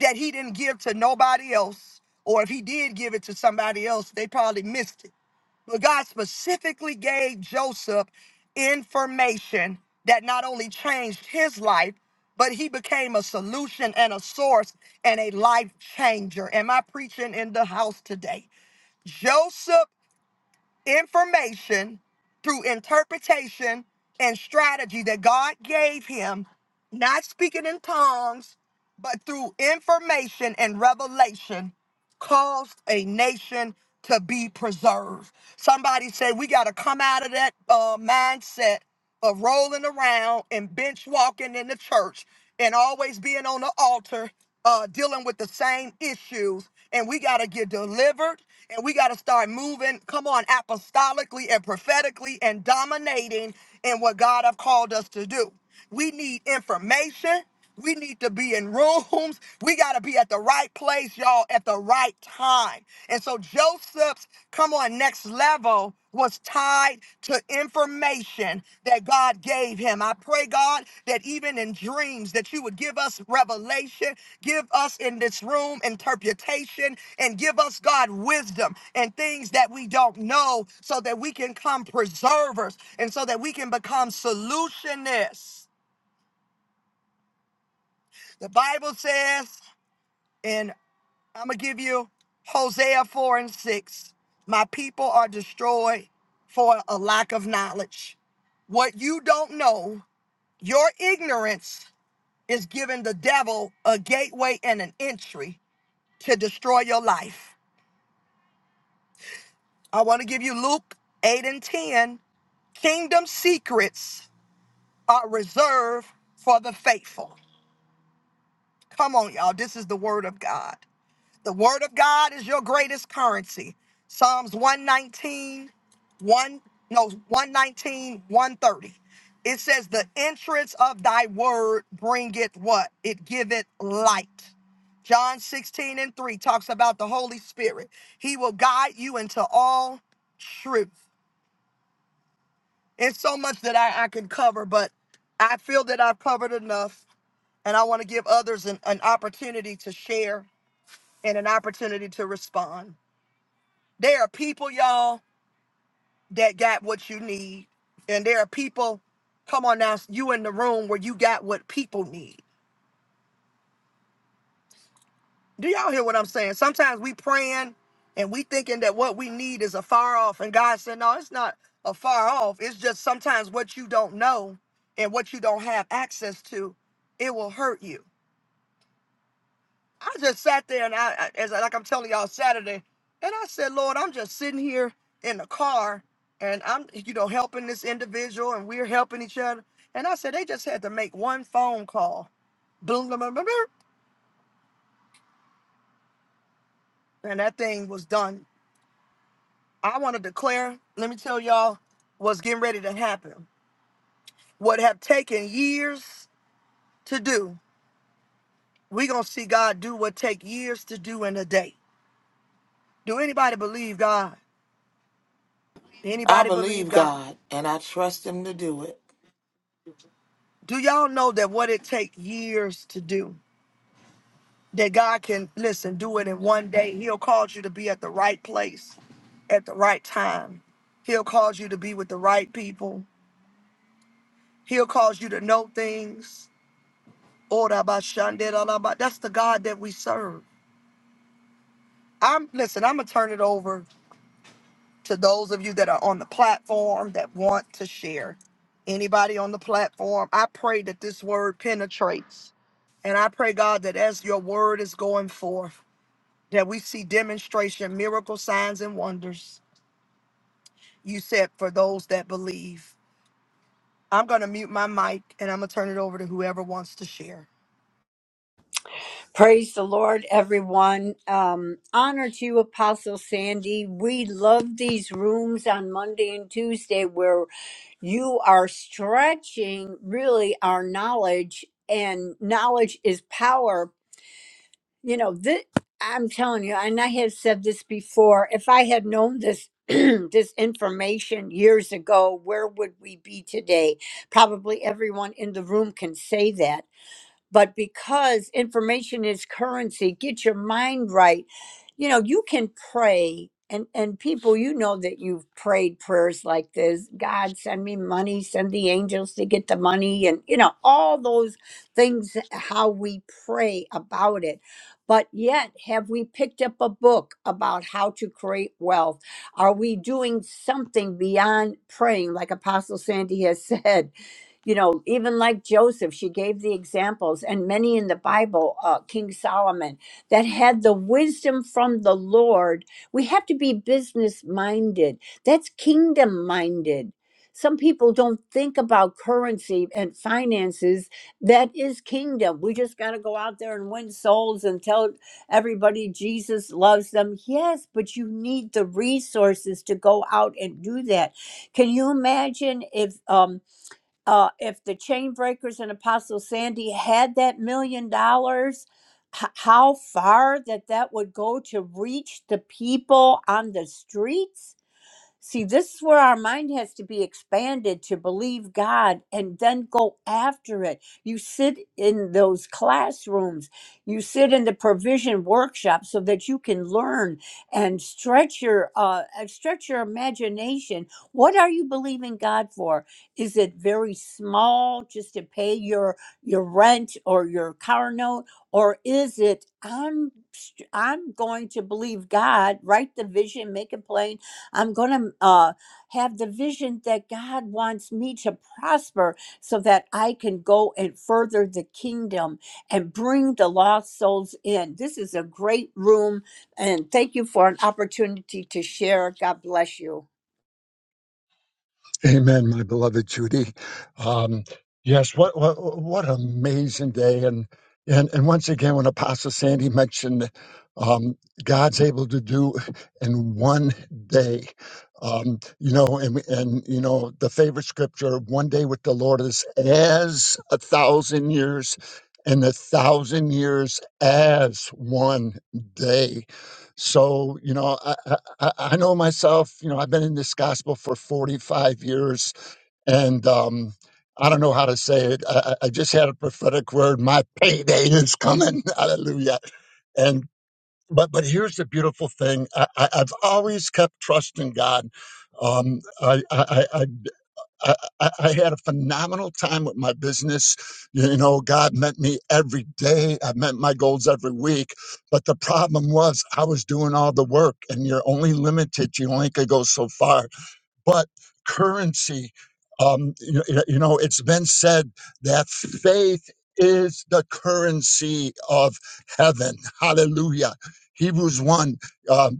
Speaker 1: that he didn't give to nobody else, or if he did give it to somebody else, they probably missed it. But God specifically gave Joseph information that not only changed his life, but he became a solution and a source and a life changer. Am I preaching in the house today? Joseph information through interpretation and strategy that God gave him, not speaking in tongues, but through information and revelation, caused a nation to be preserved. Somebody said we got to come out of that uh, mindset of rolling around and bench walking in the church and always being on the altar uh, dealing with the same issues. And we got to get delivered and we got to start moving, come on, apostolically and prophetically and dominating in what God have called us to do. We need information. We need to be in rooms. We got to be at the right place, y'all, at the right time. And so Joseph's come on next level was tied to information that God gave him. I pray, God, that even in dreams that you would give us revelation, give us in this room interpretation, and give us, God, wisdom and things that we don't know so that we can come preservers and so that we can become solutionists. The Bible says, and I'm going to give you Hosea 4 and 6. My people are destroyed for a lack of knowledge. What you don't know, your ignorance is giving the devil a gateway and an entry to destroy your life. I want to give you Luke 8 and 10. Kingdom secrets are reserved for the faithful. Come on, y'all. This is the word of God. The word of God is your greatest currency. Psalms one nineteen, one no, one nineteen one thirty. It says, The entrance of thy word bringeth what? It giveth light. John 16 and 3 talks about the Holy Spirit. He will guide you into all truth. It's so much that I, I can cover, but I feel that I've covered enough, and I want to give others an, an opportunity to share and an opportunity to respond. There are people, y'all, that got what you need. And there are people, come on now, you in the room where you got what people need. Do y'all hear what I'm saying? Sometimes we praying and we thinking that what we need is afar off. And God said, no, it's not afar off. It's just sometimes what you don't know and what you don't have access to, it will hurt you. I just sat there and I, I- as I- like I'm telling y'all Saturday, and I said, Lord, I'm just sitting here in the car and I'm, you know, helping this individual and we're helping each other. And I said, they just had to make one phone call. Boom, boom, boom, boom, boom, and that thing was done. I want to declare, let me tell y'all what's getting ready to happen. What have taken years to do, we going to see God do what take years to do in a day. Do anybody believe God?
Speaker 2: I
Speaker 1: Anybody believe
Speaker 2: believe
Speaker 1: God?
Speaker 2: God, and I trust Him to do it.
Speaker 1: Do y'all know that what it takes years to do? That God can listen, do it in one day. He'll cause you to be at the right place at the right time. He'll cause you to be with the right people. He'll cause you to know things. Ora ba shande la la ba. That's the God that we serve. I'm listen, I'm gonna turn it over to those of you that are on the platform that want to share. Anybody on the platform, I pray that this word penetrates. And I pray, God, that as your word is going forth, that we see demonstration, miracle signs, and wonders. You said for those that believe. I'm going to mute my mic and I'm going to turn it over to whoever wants to share.
Speaker 4: Praise the Lord, everyone. Um, honor to you, Apostle Sandy. We love these rooms on Monday and Tuesday where you are stretching really our knowledge and knowledge is power you know this i'm telling you and i have said this before if i had known this this information years ago where would we be today probably everyone in the room can say that but because information is currency, get your mind right. You know, you can pray. And, and people, you know that you've prayed prayers like this God, send me money, send the angels to get the money, and you know, all those things, how we pray about it. But yet, have we picked up a book about how to create wealth? Are we doing something beyond praying, like Apostle Sandy has said? you know even like joseph she gave the examples and many in the bible uh, king solomon that had the wisdom from the lord we have to be business minded that's kingdom minded some people don't think about currency and finances that is kingdom we just got to go out there and win souls and tell everybody jesus loves them yes but you need the resources to go out and do that can you imagine if um uh, if the chain breakers and apostle sandy had that million dollars h- how far that that would go to reach the people on the streets See, this is where our mind has to be expanded to believe God and then go after it. You sit in those classrooms, you sit in the provision workshop so that you can learn and stretch your uh, and stretch your imagination. What are you believing God for? Is it very small, just to pay your your rent or your car note, or is it I'm st- I'm going to believe God, write the vision, make it plain I'm going to uh, have the vision that God wants me to prosper so that I can go and further the kingdom and bring the lost souls in. This is a great room, and thank you for an opportunity to share. God bless you.
Speaker 5: Amen, my beloved Judy. Um, yes, what, what what an amazing day! And and and once again, when Apostle Sandy mentioned um, God's able to do in one day, um, you know, and we- and you know, the favorite scripture, "One day with the Lord is as a thousand years." And a thousand years as one day. So, you know, I, I I, I know myself, you know, I've been in this gospel for 45 years, and um, I don't know how to say it. I, I I just had a prophetic word. My payday is coming. Hallelujah. And but but here's the beautiful thing. I, I, I've always kept trusting God. Um, I, I, I I, I I had a phenomenal time with my business. You know, God met me every day. I met my goals every week. But the problem was, I was doing all the work, and you're only limited. You only could go so far. But currency, um, you, you know, it's been said that faith is the currency of heaven. Hallelujah. Hebrews 1. um,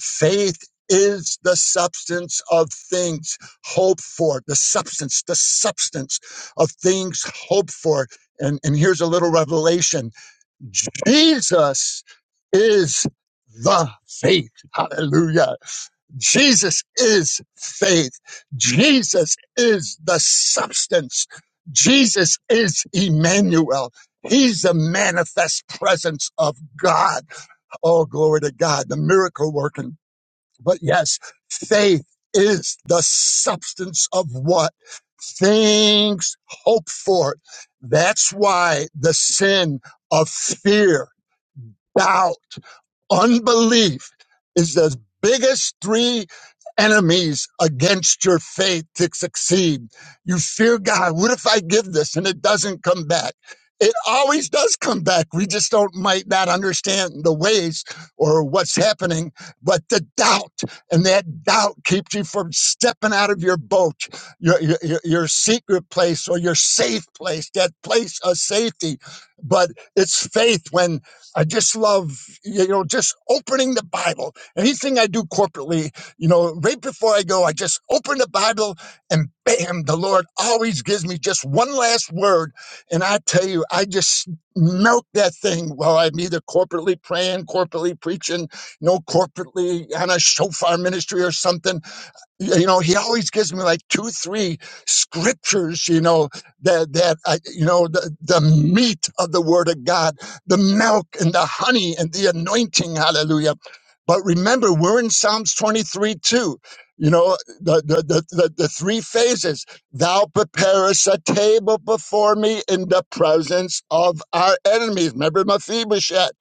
Speaker 5: Faith is the substance of things hoped for. The substance, the substance of things hoped for. And, and here's a little revelation Jesus is the faith. Hallelujah. Jesus is faith. Jesus is the substance. Jesus is Emmanuel. He's the manifest presence of God. Oh, glory to God, the miracle working but yes, faith is the substance of what? Things hoped for. That's why the sin of fear, doubt, Unbelief is the biggest three enemies against your faith to succeed. You fear God. What if I give this and it doesn't come back? It always does come back. We just don't might not understand the ways or what's happening, but the doubt and that doubt keeps you from stepping out of your boat, your your, your your secret place or your safe place, that place of safety. But it's faith when I just love, you know, just opening the Bible. Anything I do corporately, you know, right before I go, I just open the Bible and bam, the Lord always gives me just one last word. And I tell you, I just melt that thing while I'm either corporately praying, corporately preaching, you know, corporately on a shofar ministry or something you know he always gives me like two three scriptures you know that that I, you know the, the meat of the word of god the milk and the honey and the anointing hallelujah but remember we're in psalms 23 too you know the the, the, the the three phases thou preparest a table before me in the presence of our enemies remember mephibosheth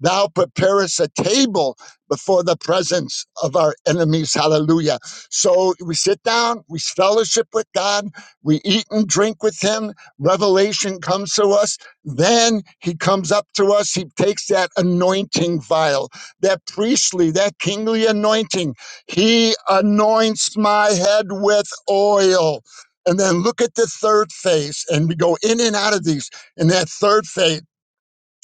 Speaker 5: Thou preparest a table before the presence of our enemies. Hallelujah. So we sit down, we fellowship with God, we eat and drink with Him. Revelation comes to us. Then He comes up to us. He takes that anointing vial, that priestly, that kingly anointing. He anoints my head with oil. And then look at the third phase, and we go in and out of these. In that third phase,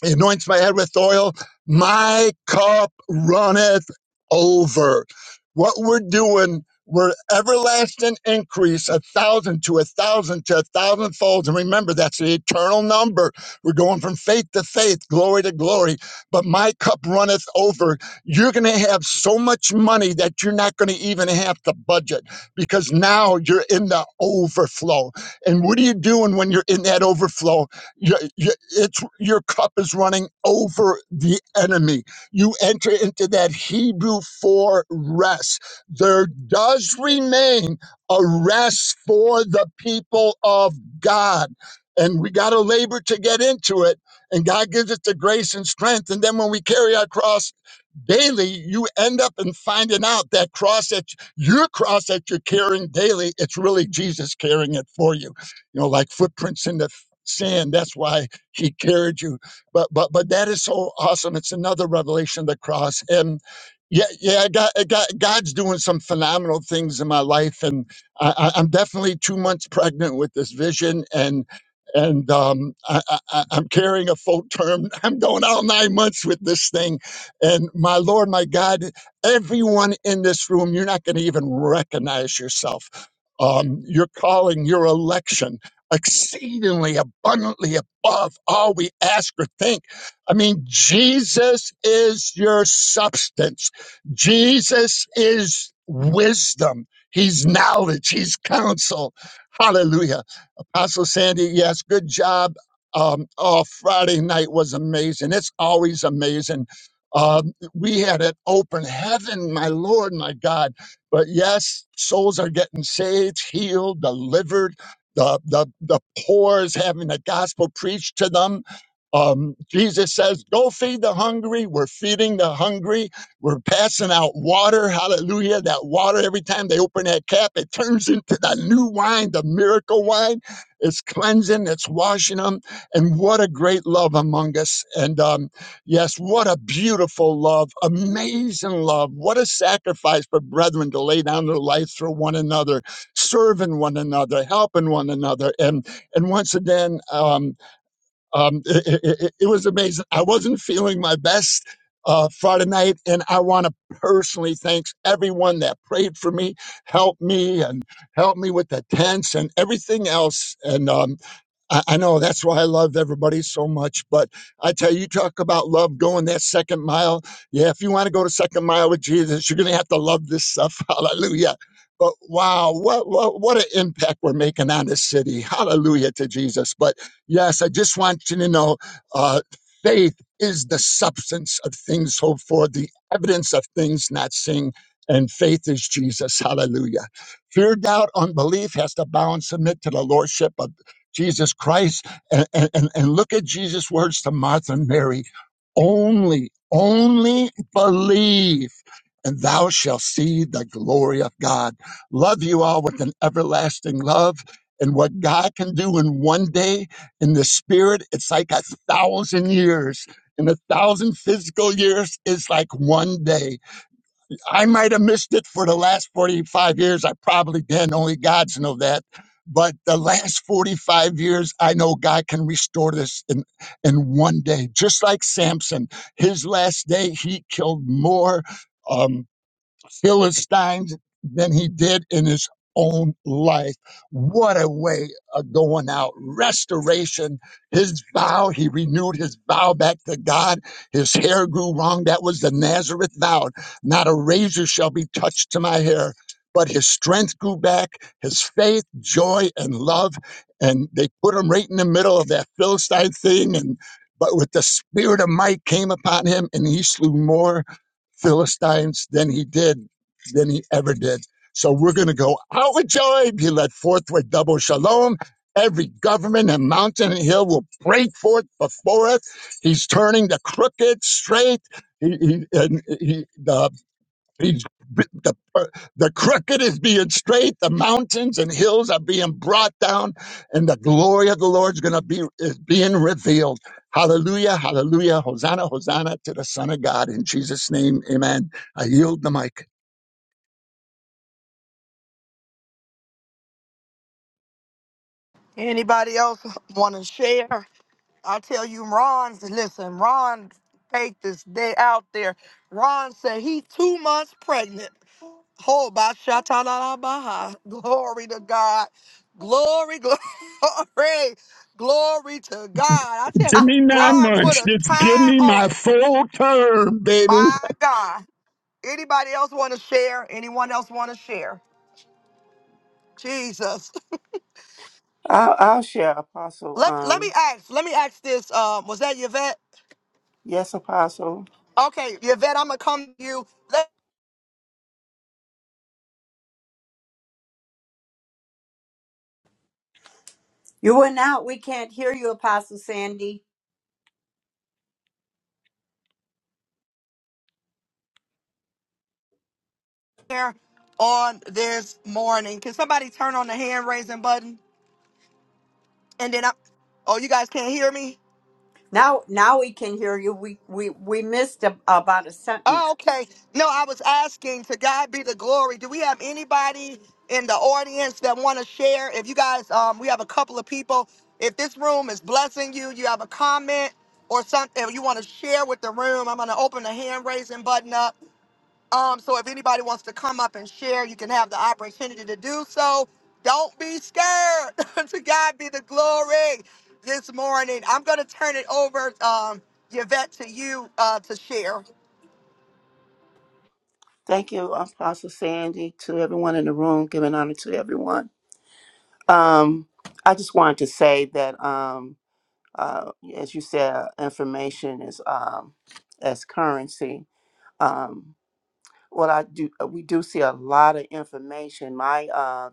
Speaker 5: he anoints my head with oil. My cup runneth over. What we're doing, we're everlasting increase, a thousand to a thousand to a thousand folds. And remember, that's the eternal number. We're going from faith to faith, glory to glory. But my cup runneth over. You're going to have so much money that you're not going to even have to budget because now you're in the overflow. And what are you doing when you're in that overflow? Your, your, it's, your cup is running over the enemy. You enter into that Hebrew for rest. There does remain a rest for the people of God. And we got to labor to get into it. And God gives us the grace and strength. And then when we carry our cross daily, you end up in finding out that cross that your cross that you're carrying daily, it's really Jesus carrying it for you. You know, like footprints in the saying that's why he carried you but but but that is so awesome it's another revelation of the cross and yeah yeah god, god god's doing some phenomenal things in my life and I, I- i'm definitely two months pregnant with this vision and and um, I, I, I- I'm carrying a full term. I'm going out nine months with this thing. And my Lord, my God, everyone in this room, you're not going to even recognize yourself. Um, your calling, your election exceedingly abundantly above all we ask or think. I mean, Jesus is your substance, Jesus is wisdom, He's knowledge, He's counsel. Hallelujah. Apostle Sandy, yes, good job. Um, oh, Friday night was amazing. It's always amazing. Um, we had an open heaven, my Lord, my God. But yes, souls are getting saved, healed, delivered. The, the, the poor is having the gospel preached to them. Um, Jesus says, Go feed the hungry. We're feeding the hungry. We're passing out water. Hallelujah. That water, every time they open that cap, it turns into the new wine, the miracle wine. It's cleansing, it's washing them. And what a great love among us. And um, yes, what a beautiful love, amazing love. What a sacrifice for brethren to lay down their lives for one another, serving one another, helping one another. And and once again, um, um, it, it, it was amazing. I wasn't feeling my best. Uh, Friday night, and I want to personally thank everyone that prayed for me, helped me, and helped me with the tents and everything else. And um, I, I know that's why I love everybody so much. But I tell you, you talk about love going that second mile. Yeah, if you want to go to second mile with Jesus, you're going to have to love this stuff. Hallelujah. But wow, what, what what an impact we're making on this city. Hallelujah to Jesus. But yes, I just want you to know uh, faith is the substance of things hoped for, the evidence of things not seen. And faith is Jesus. Hallelujah. Fear, doubt, unbelief has to bow and submit to the lordship of Jesus Christ. And, and, and look at Jesus' words to Martha and Mary only, only believe, and thou shalt see the glory of God. Love you all with an everlasting love. And what God can do in one day in the spirit, it's like a thousand years. And a thousand physical years is like one day. I might have missed it for the last 45 years. I probably did. Only God's know that. But the last 45 years, I know God can restore this in, in one day. Just like Samson, his last day, he killed more. um, Philistines than he did in his own life. What a way of going out. Restoration. His vow, he renewed his vow back to God. His hair grew long. That was the Nazareth vow. Not a razor shall be touched to my hair. But his strength grew back, his faith, joy, and love. And they put him right in the middle of that Philistine thing. And but with the spirit of might came upon him, and he slew more Philistines than he did, than he ever did. So we're going to go out with joy. Be led forth with double shalom. Every government and mountain and hill will break forth before us. He's turning the crooked straight. He, he, and he, the He's, the, uh, the crooked is being straight, the mountains and hills are being brought down, and the glory of the Lord is going to be is being revealed. Hallelujah, hallelujah, hosanna, hosanna to the Son of God in Jesus' name, Amen. I yield the mic.
Speaker 1: Anybody else want to share? I tell you, Ron, listen, Ron take this day out there. Ron said he two months pregnant. Oh, by Baha. Glory to God. Glory, glory, glory to God. I tell you,
Speaker 5: Give
Speaker 4: Ah,
Speaker 5: me
Speaker 4: Hallelujah.
Speaker 5: nine
Speaker 1: Ron put
Speaker 5: months,
Speaker 1: a
Speaker 5: just give
Speaker 1: time
Speaker 5: me
Speaker 1: on
Speaker 5: my
Speaker 1: it.
Speaker 5: full term, baby.
Speaker 1: My God. Anybody else want to share? Anyone else want to share? Jesus.
Speaker 7: I'll, I'll share, Apostle.
Speaker 1: Let, let me
Speaker 7: Um,
Speaker 1: ask. Let me ask this. Um, was that Yvette?
Speaker 7: yes, Apostle.
Speaker 1: Okay, Yvette, I'm gonna come to you
Speaker 4: You went out. We can't hear you, Apostle Sandy.
Speaker 1: later on this morning. Can somebody turn on the hand raising button? And then I oh you guys can't hear me?
Speaker 4: Now, now we can hear you. We we we missed a, about a
Speaker 1: Oh,
Speaker 4: sentence.
Speaker 1: okay. No, I was asking to God be the glory. Do we have anybody in the audience that want to share? If you guys, um, we have a couple of people. If this room is blessing you, you have a comment or something you want to share with the room, I'm going to open the hand raising button up. Um, so if anybody wants to come up and share, you can have the opportunity to do so. Don't be scared. to God be the glory this morning. I'm going to turn it over, um, Yvette, to you uh, to share.
Speaker 7: Thank you, Apostle Sandy, to everyone in the room, giving honor to everyone. Um, I just wanted to say that, um, uh, as you said, information is um, as currency. Um, what I do, uh, we do see a lot of information. My uh,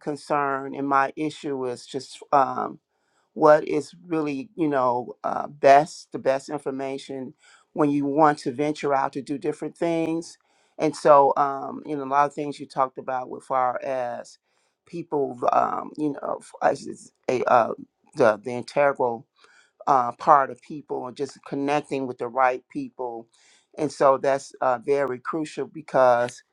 Speaker 7: concern and my issue is just um, what is really you know uh, best the best information when you want to venture out to do different things and so um, you know a lot of things you talked about with far as people um, you know f- as is a, uh, the, the integral uh, part of people and just connecting with the right people and so that's uh, very crucial because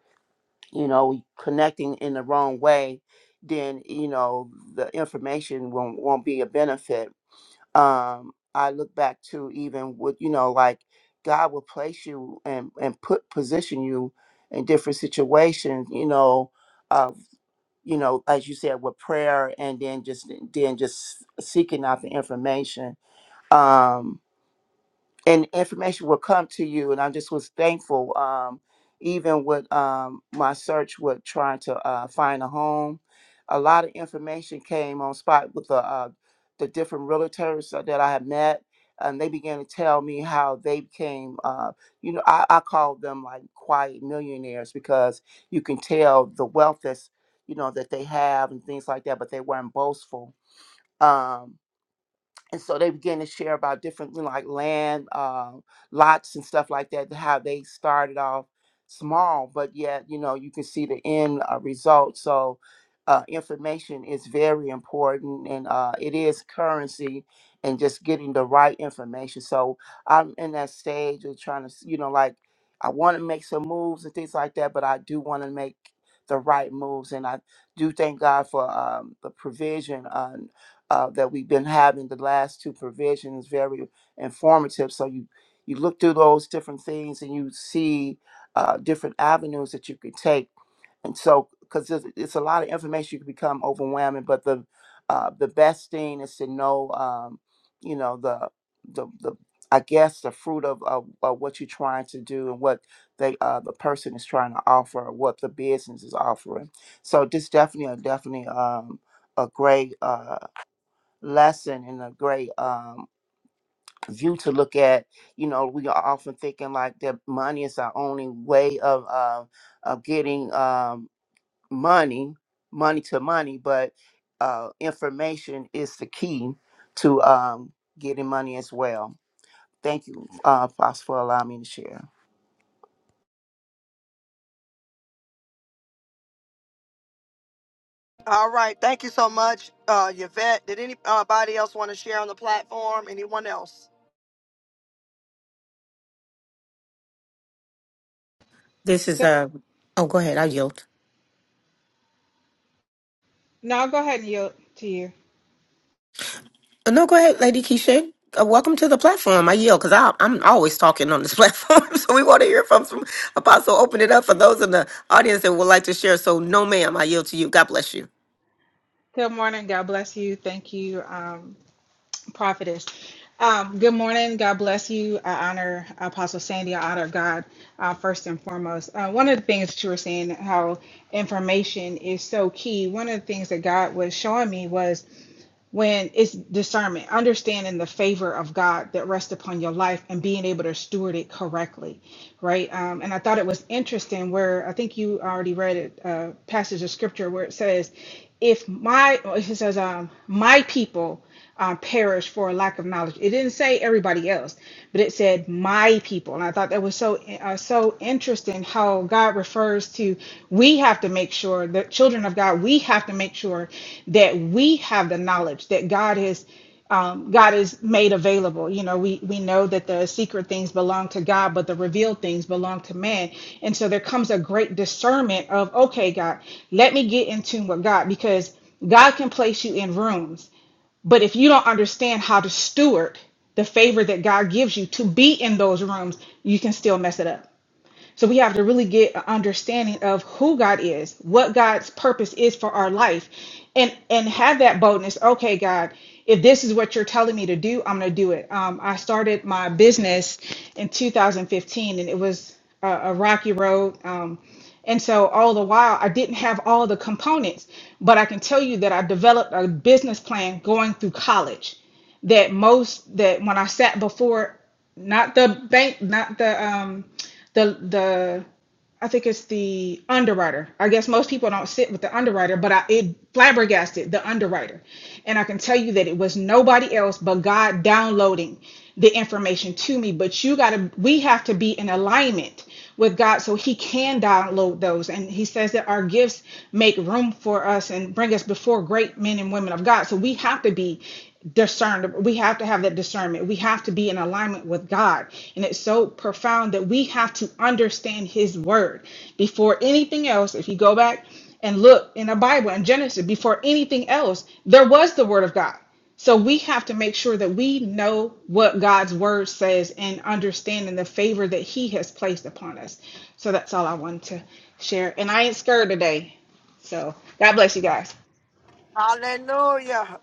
Speaker 7: you know connecting in the wrong way then you know the information won't, won't be a benefit um i look back to even with you know like god will place you and and put position you in different situations you know of you know as you said with prayer and then just then just seeking out the information um, and information will come to you. And I just was thankful, um, even with um, my search with trying to uh, find a home. A lot of information came on spot with the uh, the different realtors uh, that I had met, and they began to tell me how they became. Uh, you know, I, I call them like quiet millionaires because you can tell the wealth that's you know that they have and things like that, but they weren't boastful. Um, and so they began to share about different you know, like land uh, lots and stuff like that how they started off small but yet you know you can see the end uh, result so uh, information is very important and uh, it is currency and just getting the right information so i'm in that stage of trying to s- you know like i want to make some moves and things like that but i do want to make the right moves and i do thank god for um, the provision Uh, uh, that we've been having the last two provisions very informative so you you look through those different things and you see uh, different avenues that you could take and so because it's, it's a lot of information you can become overwhelming but the uh, the best thing is to know um, you know the the, the I guess the fruit of, of, of what you're trying to do and what they uh, the person is trying to offer or what the business is offering. So this definitely uh, definitely um, a great uh, lesson and a great um, view to look at. You know, we are often thinking like that money is our only way of uh, of getting um, money, money to money, but uh, information is the key to um, getting money as well. Thank you, uh, Apostle, for allowing me to share.
Speaker 1: All right. Thank you so much, uh, Yvette. Did anybody else want to share on the platform? Anyone else?
Speaker 8: This is
Speaker 9: Good.
Speaker 8: a. oh go ahead, I yield.
Speaker 9: No, I'll go ahead and yield to you.
Speaker 8: Uh, No, go ahead, Lady Keisha. Uh, welcome to the platform. I yield because I'm always talking on this platform, so we want to hear from some apostle. Open it up for those in the audience that would like to share. So, no, ma'am, I yield to you. God bless you.
Speaker 9: Good morning. God bless you. Thank you, um, prophetess. Um, good morning. God bless you. I honor Apostle Sandy. I honor God uh, first and foremost. Uh, one of the things that you were saying, how information is so key. One of the things that God was showing me was when it's discernment, understanding the favor of God that rests upon your life and being able to steward it correctly, right? Um, and I thought it was interesting where I think you already read it, uh, passage of scripture where it says, "If my," it says, um, "My people uh, perish for a lack of knowledge." It didn't say everybody else, but it said, "My people," and I thought that was so uh, so interesting how God refers to we have to make sure the children of God we have to make sure that we have the knowledge that God is um, God is made available. You know, we we know that the secret things belong to God, but the revealed things belong to man. And so there comes a great discernment of okay, God, let me get in tune with God because God can place you in rooms, but if you don't understand how to steward the favor that God gives you to be in those rooms, you can still mess it up so we have to really get an understanding of who God is, what God's purpose is for our life, and and have that boldness. Okay, God, if this is what you're telling me to do, I'm gonna do it. Um, I started my business in 2015, and it was a, a rocky road. Um, and so all the while, I didn't have all the components, but I can tell you that I developed a business plan going through college that most that when I sat before not the bank not the um the the I think it's the underwriter. I guess most people don't sit with the underwriter, but I it flabbergasted the underwriter. And I can tell you that it was nobody else but God downloading the information to me. But you gotta we have to be in alignment with God so he can download those. And he says that our gifts make room for us and bring us before great men and women of God. So we have to be discerned we have to have that discernment we have to be in alignment with god and it's so profound that we have to understand his word before anything else if you go back and look in the bible in genesis before anything else there was the word of god so we have to make sure that we know what god's word says and understanding the favor that he has placed upon us so that's all i wanted to share and i ain't scared today so god bless you guys
Speaker 1: Hallelujah.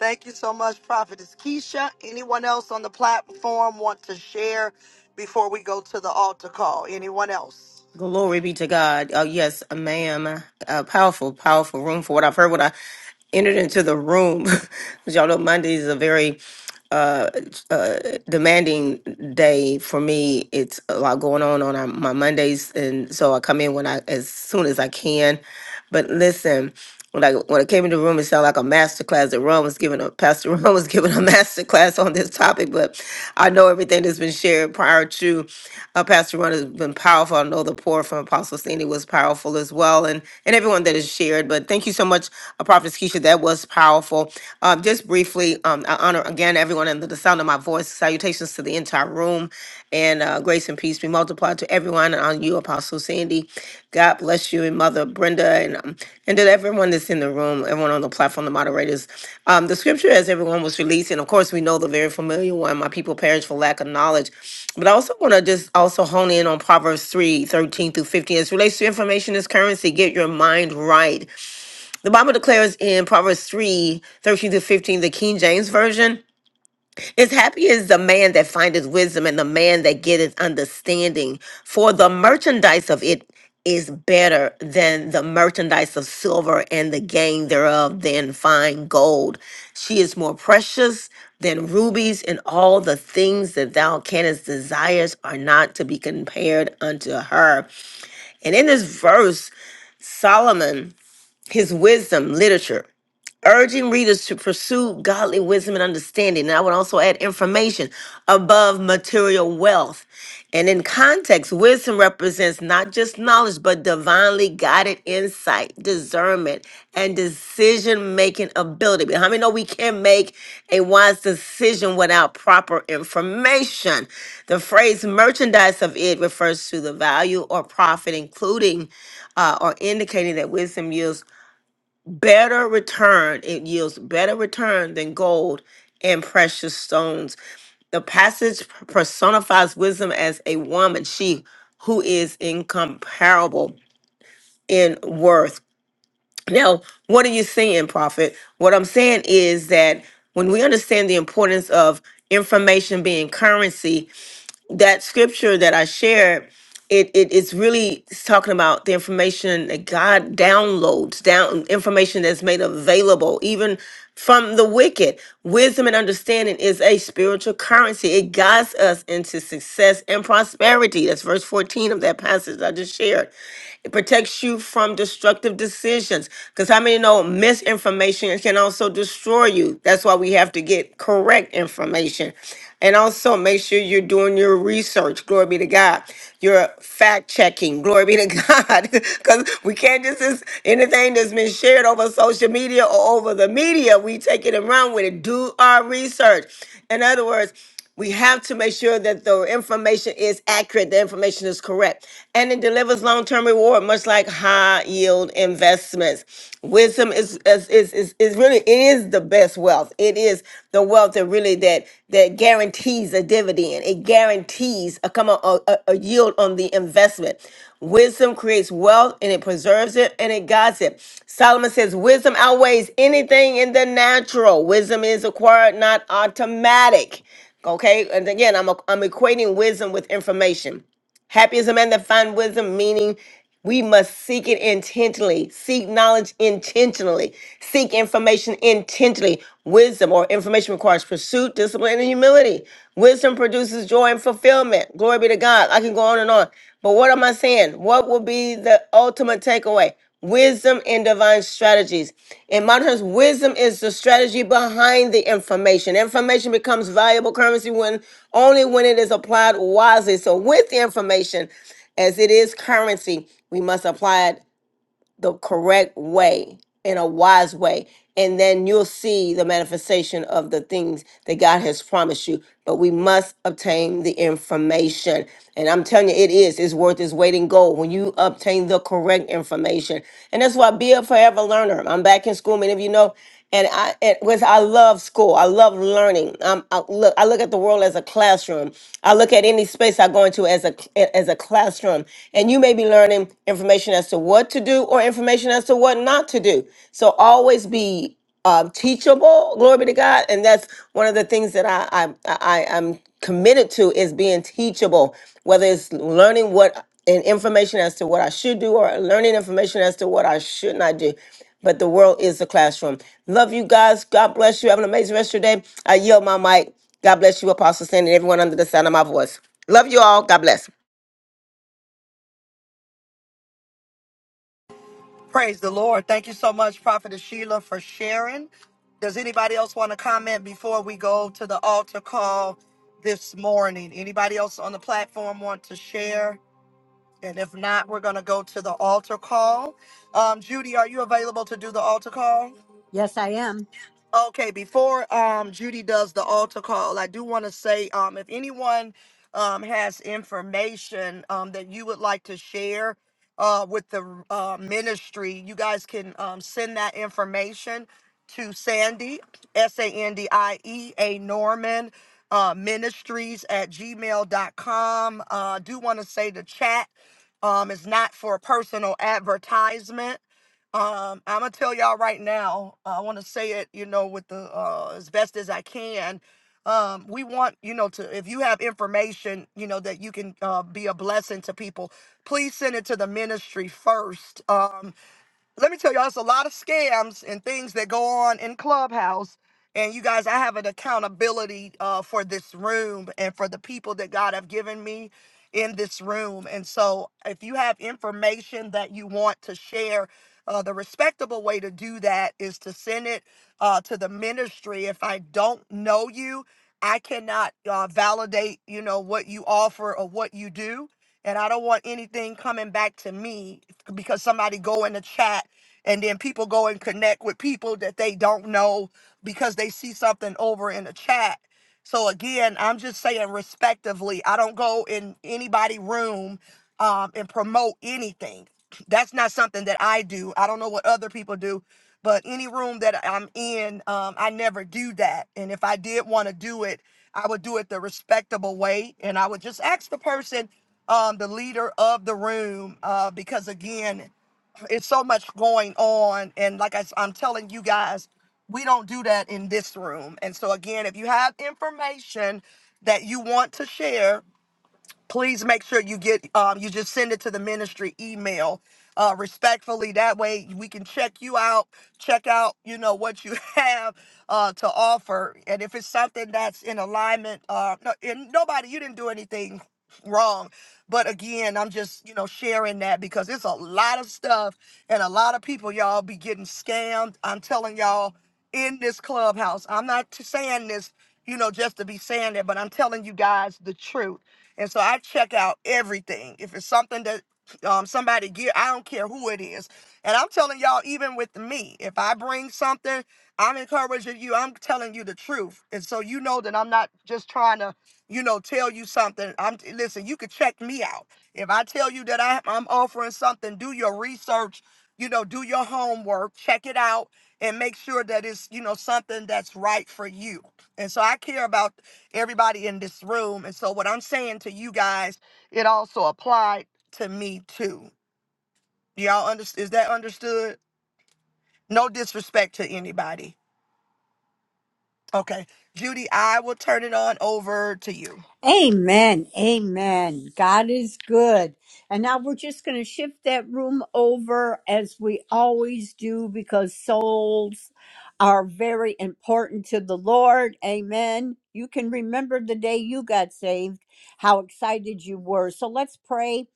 Speaker 1: Thank you so much, Prophetess Keisha. Anyone else on the platform want to share before we go to the altar call? Anyone else?
Speaker 8: Glory be to God. Oh yes, ma'am. Uh, powerful, powerful room for what I've heard. What I entered into the room. 'Cause Y'all know Monday is a very uh, uh, demanding day for me. It's a lot going on on our, my Mondays, and so I come in when I as soon as I can. But listen, when I when I came into the room, it sounded like a master class that Ron was giving a Pastor Ron was giving a master class on this topic. But I know everything that's been shared prior to uh, Pastor Ron has been powerful. I know the pour from Apostle Sandy was powerful as well, and and everyone that has shared. But thank you so much, uh, Prophet Keisha. That was powerful. Um, just briefly, um, I honor again everyone under the sound of my voice. Salutations to to the entire room. And uh, grace and peace be multiplied to everyone and on you, Apostle Sandy. God bless you and Mother Brenda and um, and to everyone that's in the room, everyone on the platform, the moderators. Um, the scripture, as everyone was released, and of course we know the very familiar one, my people perish for lack of knowledge. But I also want to just also hone in on Proverbs 3 13 through 15. As it relates to information as currency, get your mind right. The Bible declares in Proverbs three thirteen 13 through 15, the King James Version. Is happy is the man that findeth wisdom and the man that getteth understanding, for the merchandise of it is better than the merchandise of silver and the gain thereof than fine gold. She is more precious than rubies, and all the things that thou canst desires are not to be compared unto her. And in this verse, Solomon his wisdom literature, urging readers to pursue godly wisdom and understanding. And I would also add information above material wealth. And in context, wisdom represents not just knowledge, but divinely guided insight, discernment, and decision making ability. But How many know we can't make a wise decision without proper information? The phrase merchandise of it refers to the value or profit, including uh, or indicating that wisdom yields better return it yields better return than gold and precious stones the passage personifies wisdom as a woman she who is incomparable in worth now what are you saying prophet what i'm saying is that when we understand the importance of information being currency that scripture that I shared, it it is really talking about the information that God downloads down information that's made available even from the wicked. Wisdom and understanding is a spiritual currency. It guides us into success and prosperity. That's verse 14 of that passage I just shared. It protects you from destructive decisions. Because how many know misinformation can also destroy you? That's why we have to get correct information. And also make sure you're doing your research. Glory be to God. You're fact checking. Glory be to God. Because we can't just, just anything that's been shared over social media or over the media, we take it and run with it. Do our research. In other words, we have to make sure that the information is accurate, the information is correct, and it delivers long-term reward, much like high-yield investments. Wisdom is is, is is is really it is the best wealth. It is the wealth that really that that guarantees a dividend. It guarantees a come on a, a a yield on the investment. Wisdom creates wealth and it preserves it and it guides it. Solomon says, Wisdom outweighs anything in the natural. Wisdom is acquired, not automatic. Okay. And again, I'm, I'm equating wisdom with information. Happy is a man that finds wisdom, meaning we must seek it intentionally, seek knowledge intentionally, seek information intentionally. Wisdom or information requires pursuit, discipline, and humility. Wisdom produces joy and fulfillment. Glory be to God. I can go on and on. But what am I saying? What will be the ultimate takeaway? wisdom and divine strategies. In modern terms, wisdom is the strategy behind the information. Information becomes valuable currency when only when it is applied wisely. So with the information, as it is currency, we must apply it the correct way in a wise way and then you'll see the manifestation of the things that God has promised you but we must obtain the information and I'm telling you it is it's worth its weight in gold when you obtain the correct information and that's why be a forever learner I'm back in school many of you know and I it was I love school. I love learning. Um, I look, I look at the world as a classroom. I look at any space I go into as a as a classroom. And you may be learning information as to what to do or information as to what not to do. So always be um, teachable. Glory be to God. And that's one of the things that I I, I I'm committed to is being teachable. Whether it's learning what and information as to what I should do or learning information as to what I should not do but the world is the classroom. Love you guys. God bless you. Have an amazing rest of your day. I yield my mic. God bless you, Apostle Sandy, and everyone under the sound of my voice. Love you all. God bless.
Speaker 1: Praise the Lord. Thank you so much, Prophetess Sheila, for sharing. Does anybody else want to comment before we go to the altar call this morning? Anybody else on the platform want to share? And if not, we're going to go to the altar call. Um, Judy, are you available to do the altar call?
Speaker 4: Yes, I am.
Speaker 1: Okay, before um Judy does the altar call, I do want to say um if anyone um has information um that you would like to share uh with the uh, ministry, you guys can um send that information to Sandy S A N D I E A Norman uh ministries at gmail gmail.com. Uh I do want to say the chat um is not for personal advertisement um, I'm gonna tell y'all right now. I want to say it, you know, with the uh, as best as I can. Um, we want you know to if you have information, you know that you can uh, be a blessing to people. Please send it to the ministry first. Um, let me tell y'all, it's a lot of scams and things that go on in Clubhouse. And you guys, I have an accountability uh, for this room and for the people that God have given me in this room. And so, if you have information that you want to share, uh, the respectable way to do that is to send it uh, to the ministry. If I don't know you, I cannot uh, validate, you know, what you offer or what you do and I don't want anything coming back to me because somebody go in the chat and then people go and connect with people that they don't know because they see something over in the chat so again i'm just saying respectively i don't go in anybody room um, and promote anything that's not something that i do i don't know what other people do but any room that i'm in um, i never do that and if i did want to do it i would do it the respectable way and i would just ask the person um, the leader of the room uh, because again it's so much going on and like I, s- i'm telling you guys we don't do that in this room and so again if you have information that you want to share please make sure you get um, you just send it to the ministry email uh, respectfully that way we can check you out check out you know what you have uh, to offer and if it's something that's in alignment uh, no, and nobody you didn't do anything wrong but again i'm just you know sharing that because it's a lot of stuff and a lot of people y'all be getting scammed i'm telling y'all in this clubhouse i'm not t- saying this you know just to be saying it but i'm telling you guys the truth and so I check out everything. If it's something that um, somebody gear, I don't care who it is. And I'm telling y'all, even with me, if I bring something, I'm encouraging you. I'm telling you the truth. And so you know that I'm not just trying to, you know, tell you something. I'm listen, you could check me out. If I tell you that I, I'm offering something, do your research, you know, do your homework, check it out, and make sure that it's, you know, something that's right for you. And so I care about everybody in this room. And so what I'm saying to you guys, it also applied to me too. Y'all understand? Is that understood? No disrespect to anybody. Okay. Judy, I will turn it on over to you.
Speaker 4: Amen. Amen. God is good. And now we're just going to shift that room over as we always do because souls are very important to the Lord. Amen. You can remember the day you got saved, how excited you were. So let's pray.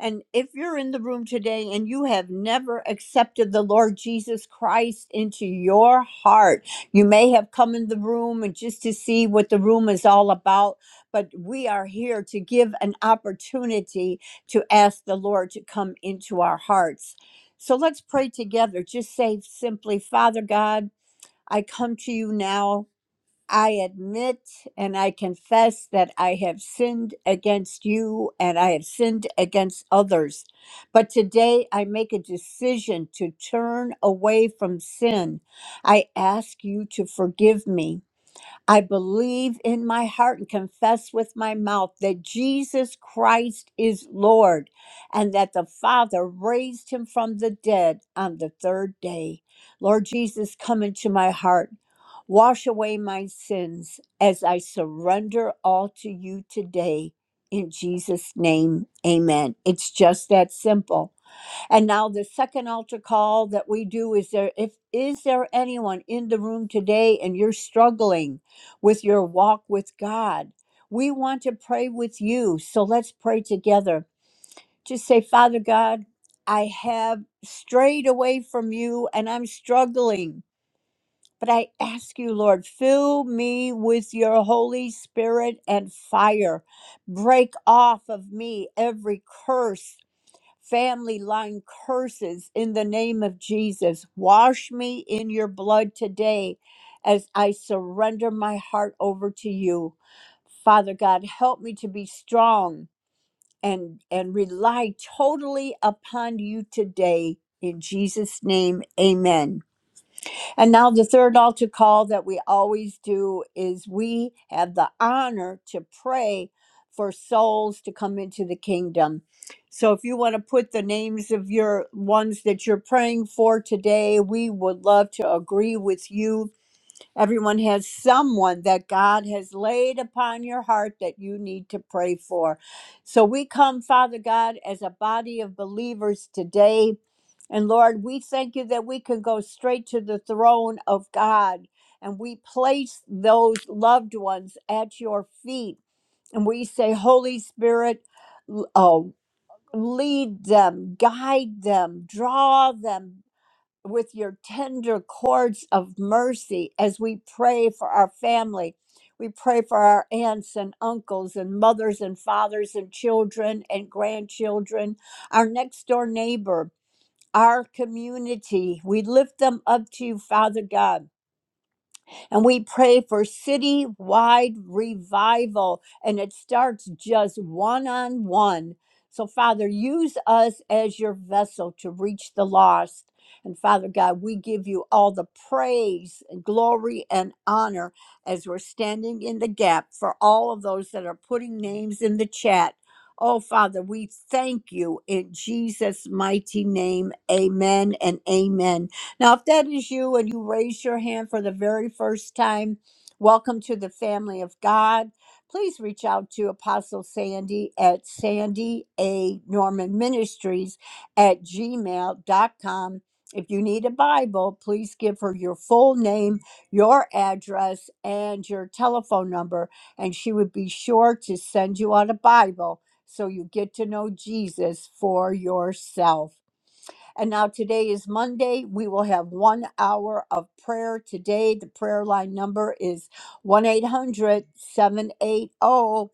Speaker 4: And if you're in the room today and you have never accepted the Lord Jesus Christ into your heart, you may have come in the room and just to see what the room is all about but we are here to give an opportunity to ask the Lord to come into our hearts. So let's pray together. Just say simply, Father God, I come to you now. I admit and I confess that I have sinned against you and I have sinned against others. But today I make a decision to turn away from sin. I ask you to forgive me. I believe in my heart and confess with my mouth that Jesus Christ is Lord and that the Father raised him from the dead on the third day. Lord Jesus, come into my heart. Wash away my sins as I surrender all to you today. In Jesus' name, amen. It's just that simple. And now the second altar call that we do is there if is there anyone in the room today and you're struggling with your walk with God? We want to pray with you. So let's pray together. Just say, Father God, I have strayed away from you and I'm struggling. But I ask you, Lord, fill me with your Holy Spirit and fire. Break off of me every curse family line curses in the name of Jesus. Wash me in your blood today as I surrender my heart over to you. Father God, help me to be strong and and rely totally upon you today in Jesus name. Amen. And now, the third altar call that we always do is we have the honor to pray for souls to come into the kingdom. So, if you want to put the names of your ones that you're praying for today, we would love to agree with you Everyone has someone that God has laid upon your heart that you need to pray for. So we come, Father God, as a body of believers today. And Lord, we thank you that we can go straight to the throne of God and we place those loved ones at your feet. And we say, Holy Spirit, l- oh, lead them, guide them, draw them, with your tender cords of mercy as we pray for our family. We pray for our aunts and uncles and mothers and fathers and children and grandchildren, our next door neighbor, our community. We lift them up to you, Father God. And we pray for citywide revival, and it starts just one on one. So, Father, use us as your vessel to reach the lost. And Father God, we give you all the praise and glory and honor as we're standing in the gap for all of those that are putting names in the chat. Oh, Father, we thank you in Jesus' mighty name. Amen and amen. Now, if that is you and you raise your hand for the very first time, welcome to the family of God. Please reach out to Apostle Sandy at Sandy A. Norman Ministries at gmail dot com. If you need a Bible, please give her your full name, your address, and your telephone number, and she would be sure to send you out a Bible so you get to know Jesus for yourself. And now today is Monday. We will have one hour of prayer today. The prayer line number is 1 800 780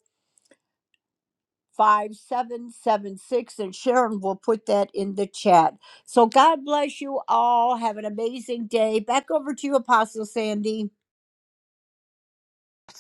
Speaker 4: 5776. And Sharon will put that in the chat. So God bless you all. Have an amazing day. Back over to you, Apostle Sandy.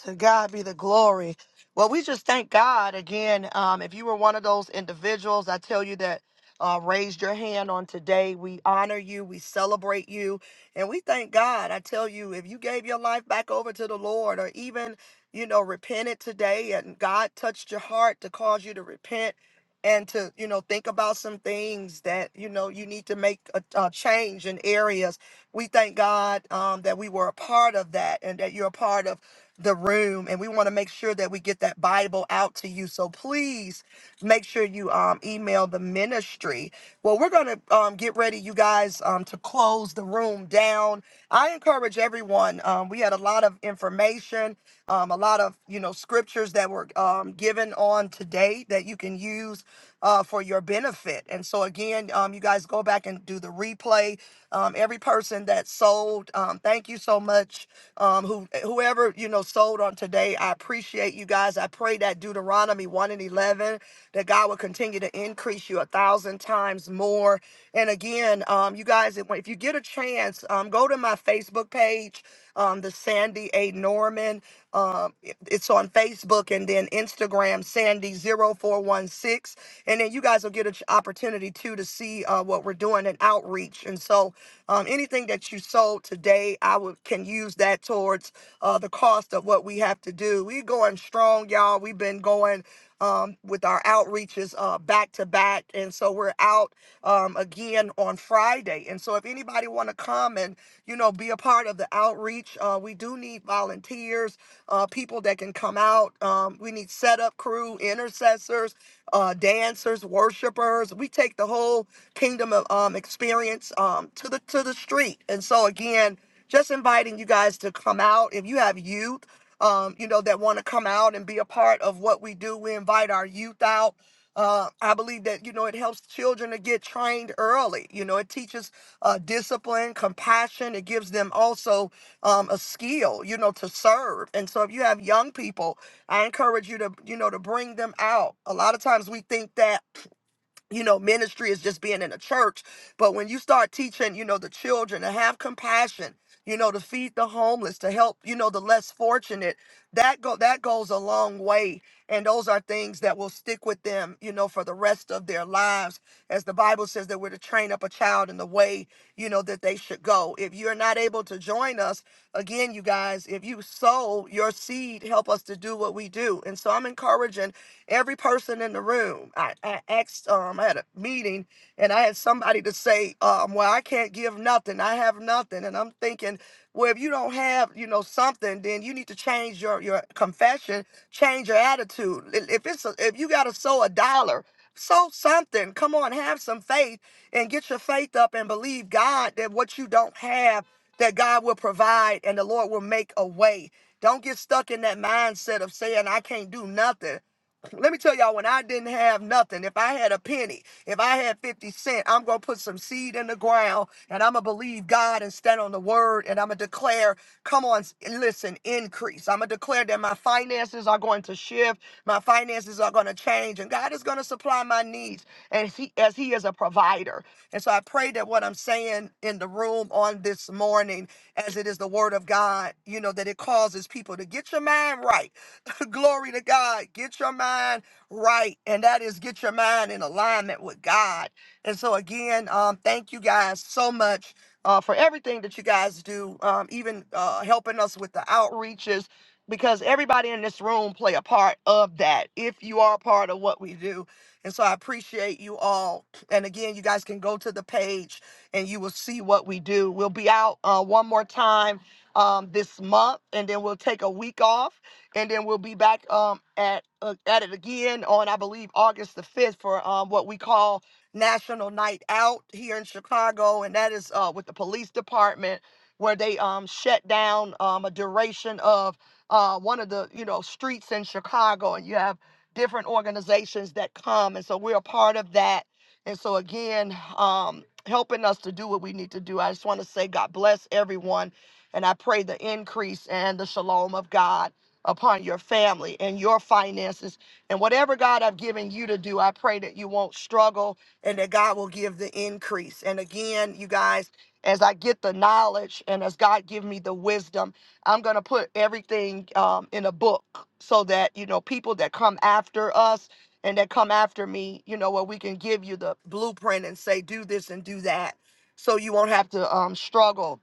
Speaker 1: To God be the glory. Well, we just thank God again. Um, if you were one of those individuals, I tell you that uh, raised your hand on today. We honor you, we celebrate you, and we thank God. I tell you, if you gave your life back over to the Lord, or even you know repented today, and God touched your heart to cause you to repent and to you know think about some things that you know you need to make a, a change in areas. We thank God um, that we were a part of that, and that you're a part of the room and we want to make sure that we get that bible out to you so please make sure you um, email the ministry well we're going to um, get ready you guys um, to close the room down i encourage everyone um, we had a lot of information um, a lot of you know scriptures that were um, given on today that you can use uh, for your benefit. And so again, um, you guys go back and do the replay. Um, every person that sold, um, thank you so much. Um, who whoever you know sold on today, I appreciate you guys. I pray that Deuteronomy one and eleven that God will continue to increase you a thousand times more. And again, um, you guys, if if you get a chance, um, go to my Facebook page um, the Sandy A. Norman. Um, it- it's on Facebook and then Instagram, sandy zero four one six. And then you guys will get an opportunity too to see uh, what we're doing in outreach. And so um, anything that you sold today, I would can use that towards uh, the cost of what we have to do. we going strong, y'all. We've been going um, with our outreaches uh, back to back. And so we're out um, again on on Friday. And so if anybody want to come and, you know, be a part of the outreach, uh, we do need volunteers, uh, people that can come out. Um, we need setup crew, intercessors, uh, dancers, worshipers. We take the whole kingdom of um, experience um, to the to the street. And so again, just inviting you guys to come out. If you have youth, um, you know, that want to come out and be a part of what we do, we invite our youth out. Uh, I believe that, you know, it helps children to get trained early. You know, it teaches uh, discipline, compassion. It gives them also um, a skill, you know, to serve. And so if you have young people, I encourage you to, you know, to bring them out. A lot of times we think that you know, ministry is just being in a church. But when you start teaching, you know, the children to have compassion, you know, to feed the homeless, to help, you know, the less fortunate, that go that goes a long way. And those are things that will stick with them, you know, for the rest of their lives. As the Bible says that we're to train up a child in the way, you know, that they should go. If you're not able to join us, Again, you guys, if you sow your seed, help us to do what we do. And so I'm encouraging every person in the room. I, I asked, um, I had a meeting and I had somebody to say, um, well, I can't give nothing. I have nothing. And I'm thinking, well, if you don't have, you know, something, then you need to change your, your confession, change your attitude. If if it's, a, if you got to sow a dollar, sow something. Come on, have some faith and get your faith up and believe God that what you don't have that God will provide and the Lord will make a way. Don't get stuck in that mindset of saying, I can't do nothing. Let me tell y'all, when I didn't have nothing, if I had a penny, if I had 50 cents, I'm going to put some seed in the ground and I'm going to believe God and stand on the word and I'm going to declare, come on, s- listen, increase. I'm going to declare that my finances are going to shift, my finances are going to change, and God is going to supply my needs as he, as he is a provider. And so I pray that what I'm saying in the room on this morning, as it is the word of God, you know, that it causes people to get your mind right. Glory to God. Get your mind right. And that is get your mind in alignment with God. And so again, um, thank you guys so much. Uh, for everything that you guys do, um, even uh, helping us with the outreaches, because everybody in this room play a part of that. If you are a part of what we do, and so I appreciate you all. And again, you guys can go to the page and you will see what we do. We'll be out uh, one more time um, this month, and then we'll take a week off, and then we'll be back um, at uh, at it again on I believe August the fifth for um, what we call National Night Out here in Chicago, and that is uh, with the police department where they um, shut down um, a duration of uh, one of the you know streets in Chicago, and you have different organizations that come. And so we're a part of that. And so again, um, helping us to do what we need to do. I just want to say God bless everyone. And I pray the increase and the shalom of God upon your family and your finances. And whatever God I've given you to do, I pray that you won't struggle and that God will give the increase. And again, you guys, as I get the knowledge and as God give me the wisdom, I'm going to put everything um, in a book so that, you know, people that come after us and that come after me, you know, where we can give you the blueprint and say, do this and do that. So you won't have to um, struggle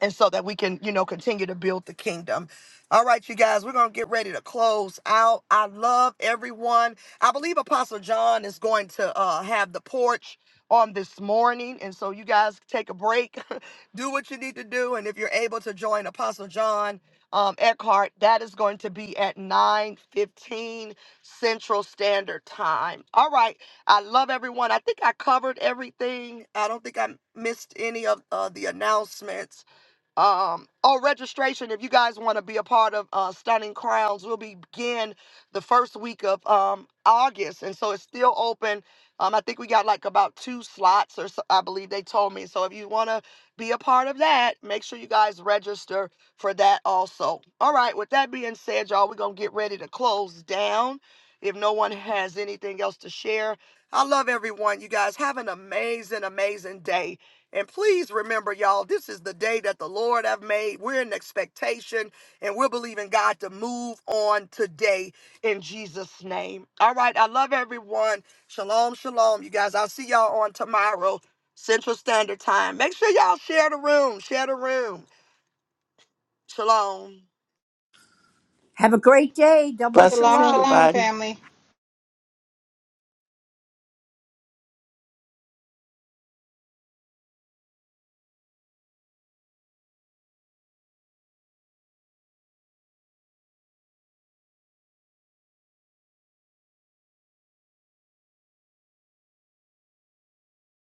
Speaker 1: and so that we can, you know, continue to build the kingdom. All right, you guys, we're going to get ready to close out. I love everyone. I believe Apostle John is going to uh, have the porch on this morning. And so you guys take a break, do what you need to do. And if you're able to join Apostle John um, Eckhart, that is going to be at 9.15 Central Standard Time. All right. I love everyone. I think I covered everything. I don't think I missed any of uh, the announcements um, Oh, registration if you guys want to be a part of uh, stunning crowns we'll begin the first week of um, august and so it's still open um, i think we got like about two slots or so i believe they told me so if you want to be a part of that make sure you guys register for that also all right with that being said y'all we're gonna get ready to close down if no one has anything else to share i love everyone you guys have an amazing amazing day and please remember, y'all, this is the day that the Lord have made. We're in expectation and we're believing God to move on today in Jesus' name. All right. I love everyone. Shalom, shalom. You guys, I'll see y'all on tomorrow, Central Standard Time. Make sure y'all share the room. Share the room. Shalom.
Speaker 4: Have a great day. Double
Speaker 7: Blessings,
Speaker 9: shalom
Speaker 4: shalom.
Speaker 9: shalom
Speaker 7: everybody.
Speaker 9: family